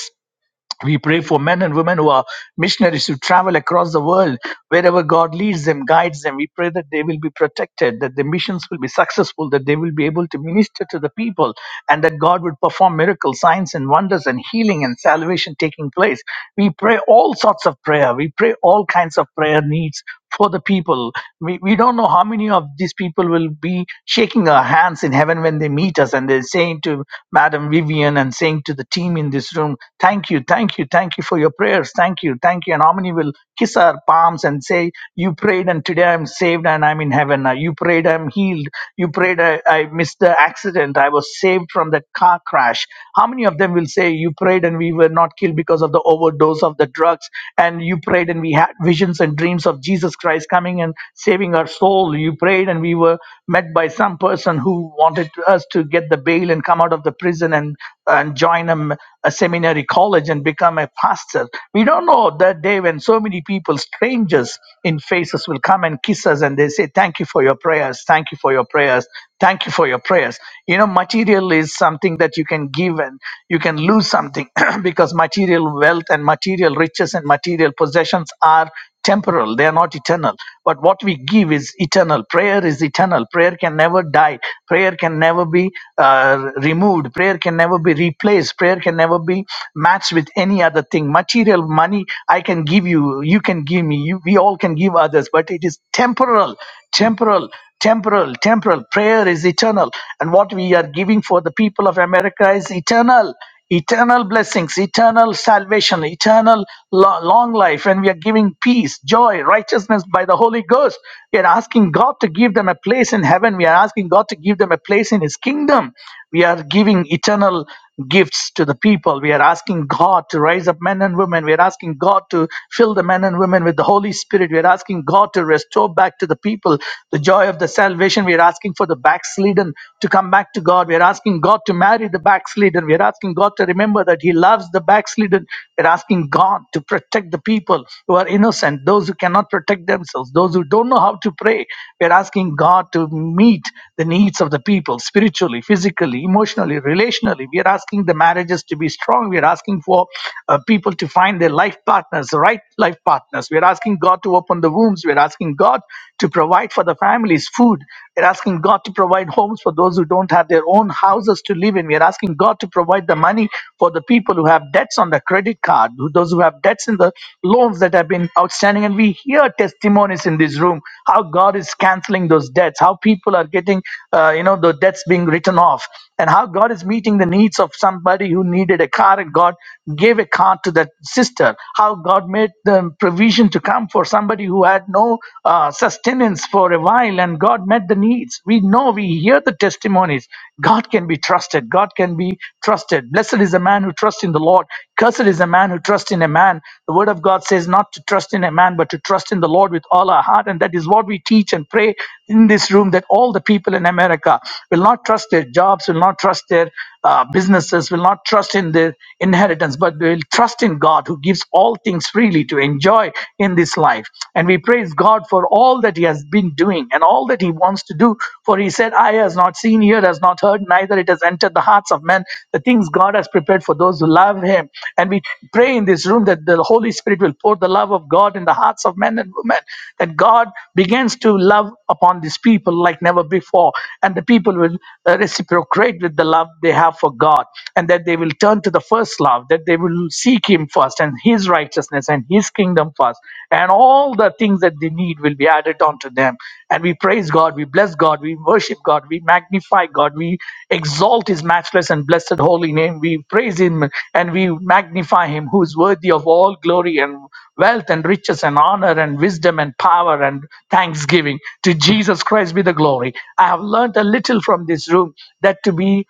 Speaker 4: we pray for men and women who are missionaries who travel across the world, wherever God leads them, guides them. We pray that they will be protected, that the missions will be successful, that they will be able to minister to the people, and that God would perform miracles, signs, and wonders, and healing and salvation taking place. We pray all sorts of prayer. We pray all kinds of prayer needs for the people. We, we don't know how many of these people will be shaking our hands in heaven when they meet us and they're saying to Madam Vivian and saying to the team in this room, Thank you, thank you, thank you for your prayers, thank you, thank you. And how many will kiss our palms and say, You prayed and today I'm saved and I'm in heaven. Uh, You prayed, I'm healed. You prayed, I, I missed the accident. I was saved from that car crash. How many of them will say, You prayed and we were not killed because of the overdose of the drugs? and you prayed and we had visions and dreams of jesus christ coming and saving our soul you prayed and we were met by some person who wanted to- us to get the bail and come out of the prison and and join a a seminary college and become a pastor we don't know that day when so many people strangers in faces will come and kiss us and they say thank you for your prayers thank you for your prayers Thank you for your prayers. You know, material is something that you can give and you can lose something because material wealth and material riches and material possessions are temporal, they are not eternal. But what we give is eternal. Prayer is eternal. Prayer can never die. Prayer can never be uh, removed. Prayer can never be replaced. Prayer can never be matched with any other thing. Material money, I can give you, you can give me, you, we all can give others, but it is temporal temporal temporal, temporal. Prayer is eternal. And what we are giving for the people of America is eternal, eternal blessings, eternal salvation, eternal lo- long life. And we are giving peace, joy, righteousness by the Holy Ghost. We are asking God to give them a place in heaven. We are asking God to give them a place in His kingdom. We are giving eternal gifts to the people. We are asking God to rise up men and women. We are asking God to fill the men and women with the Holy Spirit. We are asking God to restore back to the people the joy of the salvation. We are asking for the backslidden to come back to God. We are asking God to marry the backslidden. We are asking God to remember that He loves the backslidden. We are asking God to protect the people who are innocent, those who cannot protect themselves, those who don't know how to how to pray. We're asking God to meet the needs of the people spiritually, physically, emotionally, relationally. We are asking the marriages to be strong. We are asking for uh, people to find their life partners, the right life partners. We are asking God to open the wombs. We are asking God to provide for the families food. We're asking God to provide homes for those who don't have their own houses to live in. We're asking God to provide the money for the people who have debts on the credit card, Who those who have debts in the loans that have been outstanding. And we hear testimonies in this room how God is canceling those debts, how people are getting, uh, you know, the debts being written off, and how God is meeting the needs of somebody who needed a car and God gave a car to that sister, how God made the provision to come for somebody who had no uh, sustenance for a while and God met the needs. We know, we hear the testimonies. God can be be trusted. God can be trusted. Blessed is a man who trusts in the Lord. Cursed is a man who trusts in a man. The word of God says not to trust in a man, but to trust in the Lord with all our heart. And that is what we teach and pray in this room that all the people in America will not trust their jobs, will not trust their uh, businesses will not trust in their inheritance, but they will trust in God who gives all things freely to enjoy in this life. And we praise God for all that He has been doing and all that He wants to do. For He said, Eye has not seen, ear has not heard, neither it has entered the hearts of men, the things God has prepared for those who love Him. And we pray in this room that the Holy Spirit will pour the love of God in the hearts of men and women, that God begins to love upon these people like never before, and the people will uh, reciprocate with the love they have for God, and that they will turn to the first love, that they will seek Him first and His righteousness and His kingdom first, and all the things that they need will be added onto them. And we praise God, we bless God, we worship God, we magnify God, we exalt His matchless and blessed holy name, we praise Him and we magnify Him who is worthy of all glory and wealth and riches and honor and wisdom and power and thanksgiving. To Jesus Christ be the glory. I have learned a little from this room that to be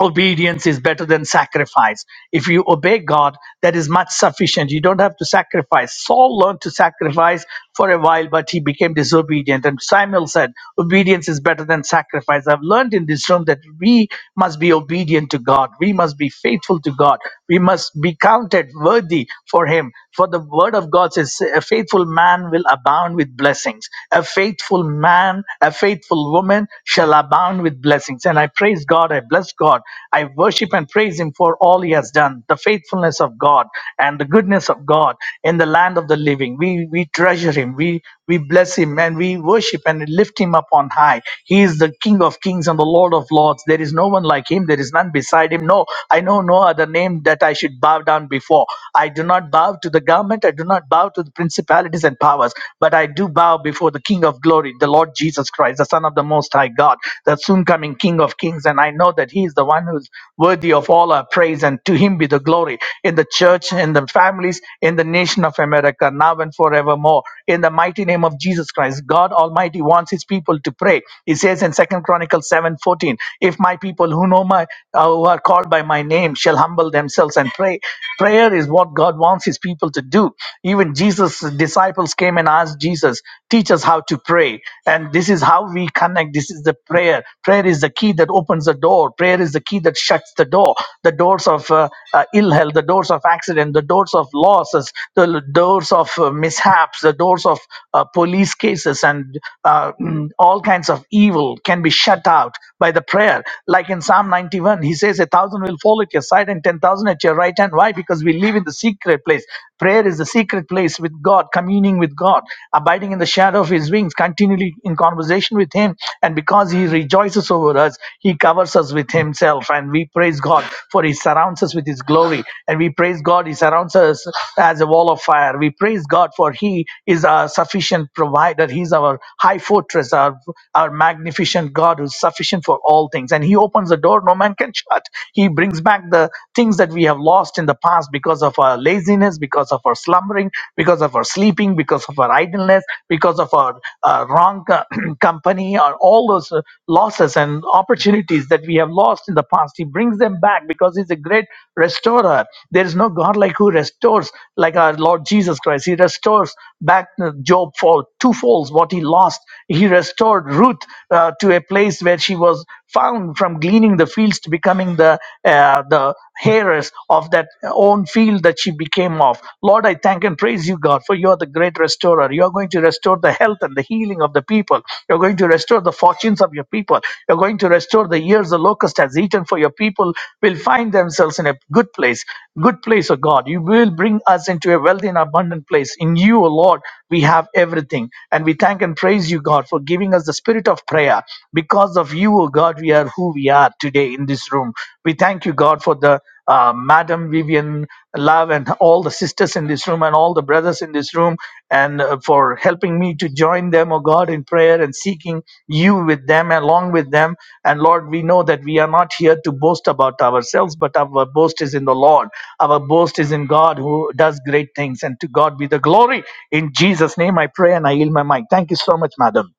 Speaker 4: obedience is better than sacrifice. If you obey God, that is much sufficient. You don't have to sacrifice. Saul learned to sacrifice for a while, but he became disobedient. And Samuel said, Obedience is better than sacrifice. I've learned in this room that we must be obedient to God. We must be faithful to God. We must be counted worthy for Him. For the word of God says, A faithful man will abound with blessings. A faithful man, a faithful woman government shall abound with blessings. And I praise God, I bless God, I worship and praise Him for all He has done, the faithfulness of God and the goodness of God in the land of the living. We we treasure Him, we we bless Him, and we worship and lift Him up on high. He is the King of Kings and the Lord of Lords. There is no one like Him. There is none beside Him. No, I know no other name that I should bow down before. I do not bow to the government. I do not bow to the principalities and powers. But I I do bow before the King of glory, the Lord Jesus Christ, the Son of the Most High God, the soon coming King of kings. And I know that He is the one who's worthy of all our praise, and to Him be the glory in the church, in the families, in the nation of America, now and forevermore. In the mighty name of Jesus Christ, God Almighty wants His people to pray. He says in Second Chronicles seven fourteen, If my people who know my, uh, who are called by my name, shall humble themselves and pray, prayer is what God wants His his people to do. Even Jesus' disciples came and asked Jesus, Teach us how to pray. And this is how we connect. This is the prayer. Prayer is the key that opens the door. Prayer is the key that shuts the door. The doors of uh, uh, ill health, the doors of accident, the doors of losses, the l- doors of uh, mishaps, the doors of uh, police cases, and uh, mm, all kinds of evil can be shut out by the prayer. Like in Psalm 91, he says, A thousand will fall at your side and 10,000 at your right hand. Why? Because we live in the secret place. Prayer is the secret place with God, communing with God, abiding in the shadow of His wings, continually in conversation with Him. And because He rejoices over us, He covers us with Himself. And we praise God for He surrounds us with His glory. And we praise God, He surrounds us as a wall of fire. We praise God for He is our sufficient provider. He's our high fortress, our, our magnificent God who's sufficient for sufficient for all things. And He opens the door no man can shut. He brings back the things that we have lost in the past because of our laziness, because of our slumbering, because of our sleeping, because of our idleness, because of our uh, wrong co- company, or all those uh, losses and opportunities that we have lost in the past. He brings them back because He's a great restorer. There is no God like who restores, like our Lord Jesus Christ. He restores back uh, Job for twofolds what he lost lost, he restored Ruth uh, to a place where she was found from gleaning the fields to becoming the uh, the heiress of that own field that she became of. Lord, I thank and praise you, God, for you are the great restorer. You are going to restore the health and the healing of the people. You're going to restore the fortunes of your people. You're going to restore the years the locust has eaten for your people will find themselves in a good place. Good place, oh God. You will bring us into a wealthy and abundant place place. In you, O Lord, we have everything. And we thank and praise you, God, for giving us the spirit of prayer. Because of you, O God, we are who we are today in this room. We thank you, God, for the uh, Madam Vivian Love and all the sisters in this room and all the brothers in this room, and uh, for helping me to join them, O God, in prayer and seeking you with them, along with them. And Lord, we know that we are not here to boast about ourselves, but our boast is in the Lord. Our boast is in God who does great things, and to God be the glory. In Jesus' name, I pray and I yield my mic. Thank you so much, madam.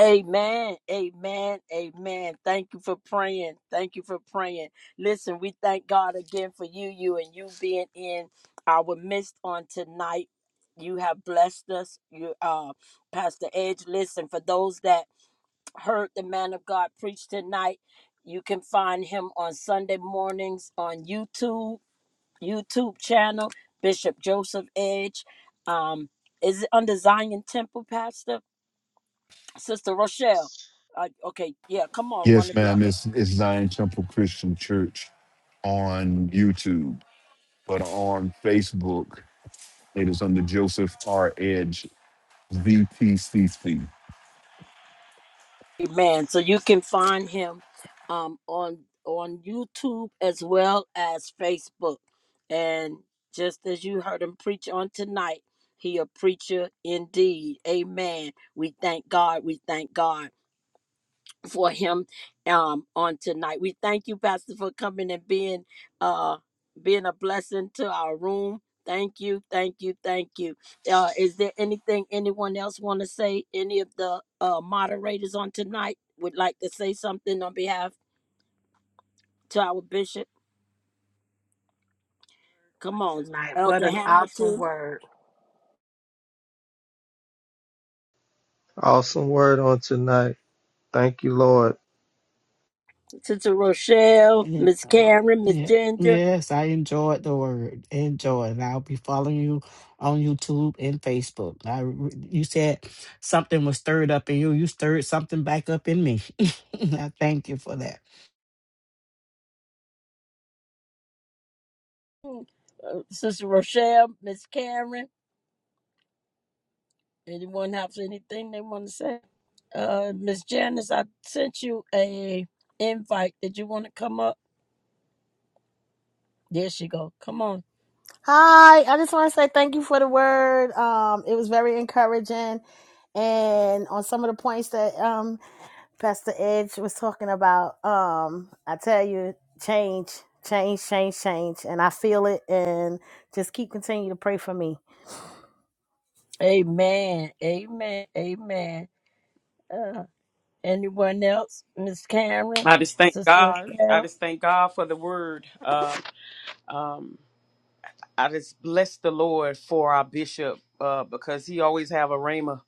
Speaker 1: Amen. Amen. Amen. Thank you for praying. Thank you for praying. Listen, we thank God again for you, you, and you being in our midst on tonight. You have blessed us. You uh Pastor Edge. Listen, for those that heard the man of God preach tonight, you can find him on Sunday mornings on YouTube, YouTube channel, Bishop Joseph Edge. Um, is it under Zion Temple, Pastor? Sister Rochelle. Uh, okay, yeah, come on, one
Speaker 3: Yes,
Speaker 1: of y'all.
Speaker 3: ma'am.
Speaker 1: Can,
Speaker 3: It's, it's Zion Temple Christian Church on YouTube, but on Facebook, it is under Joseph R. Edge, VPCC.
Speaker 1: amen. So you can find him um, on on YouTube as well as Facebook. And just as you heard him preach on tonight, he a preacher indeed. Amen. We thank God. We thank God. for him um on tonight. We thank you, Pastor, for coming and being uh being a blessing to our room. Thank you, thank you, thank you. Uh is there anything anyone else want to say? Any of the uh moderators on tonight would like to say something on behalf to our bishop?
Speaker 5: one
Speaker 1: Come on,
Speaker 5: tonight. What
Speaker 1: Elder
Speaker 5: an awesome
Speaker 1: Hamilton,
Speaker 5: word, um,
Speaker 6: Awesome word on tonight. Thank you, Lord.
Speaker 1: Sister Rochelle,
Speaker 7: Yeah.
Speaker 1: Miss Karen, Miss
Speaker 7: Yeah.
Speaker 1: Ginger,
Speaker 7: Yes, I enjoyed the word. Enjoy. And I'll be following you on YouTube and Facebook. I re- you said something was stirred up in you. You stirred something back up in me. I thank you for that.
Speaker 1: uh, Sister Rochelle, Miss Karen. Anyone have anything they want to say? Uh, Miss Janice, I sent you a invite. Did you want to come up? There she go. Come on.
Speaker 8: Hi, I just want to say thank you for the word. Um, it was very encouraging, and on some of the points that um, Pastor Edge was talking about, um, I tell you, change, change, change, change, and I feel it. And just keep continue to pray for me.
Speaker 1: Amen. Amen. Amen. Uh, anyone else? Miss Karen,
Speaker 9: I just thank
Speaker 1: Sister
Speaker 9: God. I
Speaker 1: Rochelle.
Speaker 9: just thank God for the word. Uh, um, I just bless the Lord for our bishop uh, because he always have a rhema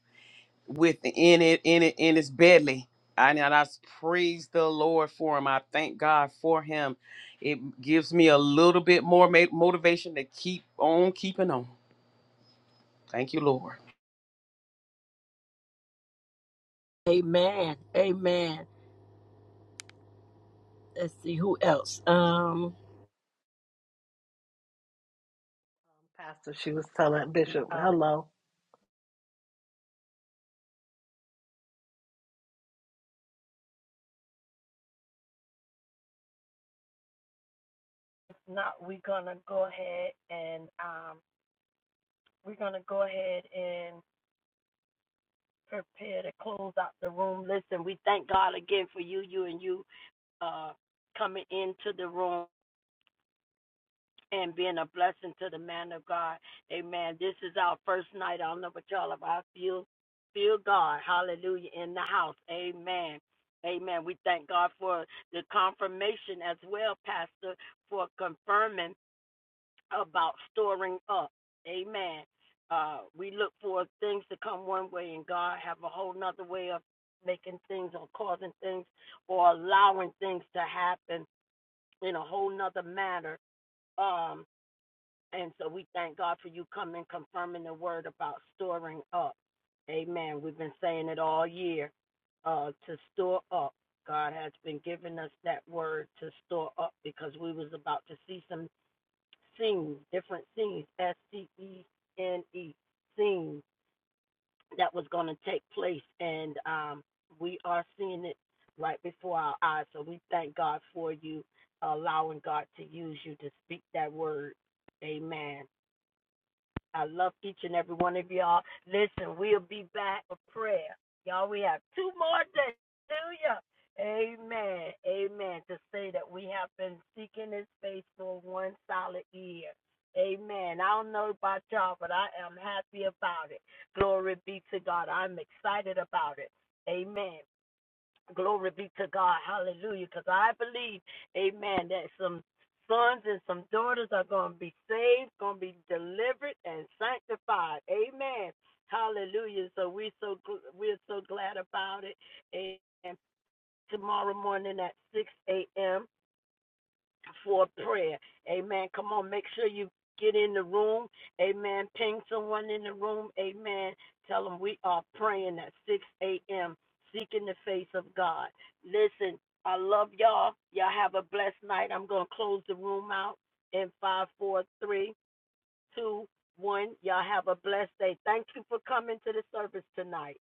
Speaker 9: with in it in it in his belly. And I just praise the Lord for him. I thank God for him. It gives me a little bit more ma- motivation to keep on keeping on. Thank you, Lord.
Speaker 1: Amen. Amen. Let's see who else. Um.
Speaker 5: Pastor. She was telling Bishop,
Speaker 1: Uh,
Speaker 5: hello.
Speaker 1: not we're gonna go ahead and um, we're gonna go ahead and prepare to close out the room. Listen, we thank God again for you, you and you. uh, coming into the room and being a blessing to the man of God. Amen. This is our first night. I don't know about y'all, but I feel feel God. Hallelujah in the house. Amen. Amen. We thank God for the confirmation as well, Pastor, for confirming about storing up. Amen. Uh, we look for things to come one way, and God have a whole nother way of making things or causing things or allowing things to happen in a whole nother matter. Um, and so we thank God for you coming, confirming the word about storing up. Amen. We've been saying it all year uh, to store up. God has been giving us that word to store up because we was about to see some scenes, different scenes, S-C-E-N-E, scenes that was going to take place, and um, we are seeing it right before our eyes. So we thank God for you allowing God to use you to speak that word. Amen. I love each and every one of y'all. Listen, we'll be back for prayer. Y'all, we have two more days. Hallelujah. Amen. Amen. To say that we have been seeking his face for one solid year. Amen. I don't know about y'all, but I am happy about it. Glory be to God. I'm excited about it. Amen. Glory be to God. Hallelujah. Because I believe, amen, that some sons and some daughters are going to be saved, going to be delivered and sanctified. Amen. Hallelujah. So we're so, we're so glad about it. And tomorrow morning at 6 a.m for prayer. Amen. Come on, make sure you get in the room. Amen. Ping someone in the room. Amen. Tell them we are praying at 6 a.m., seeking the face of God. Listen, I love y'all. Y'all have a blessed night. I'm going to close the room out in five, four, three, two, one. Y'all have a blessed day. Thank you for coming to the service tonight.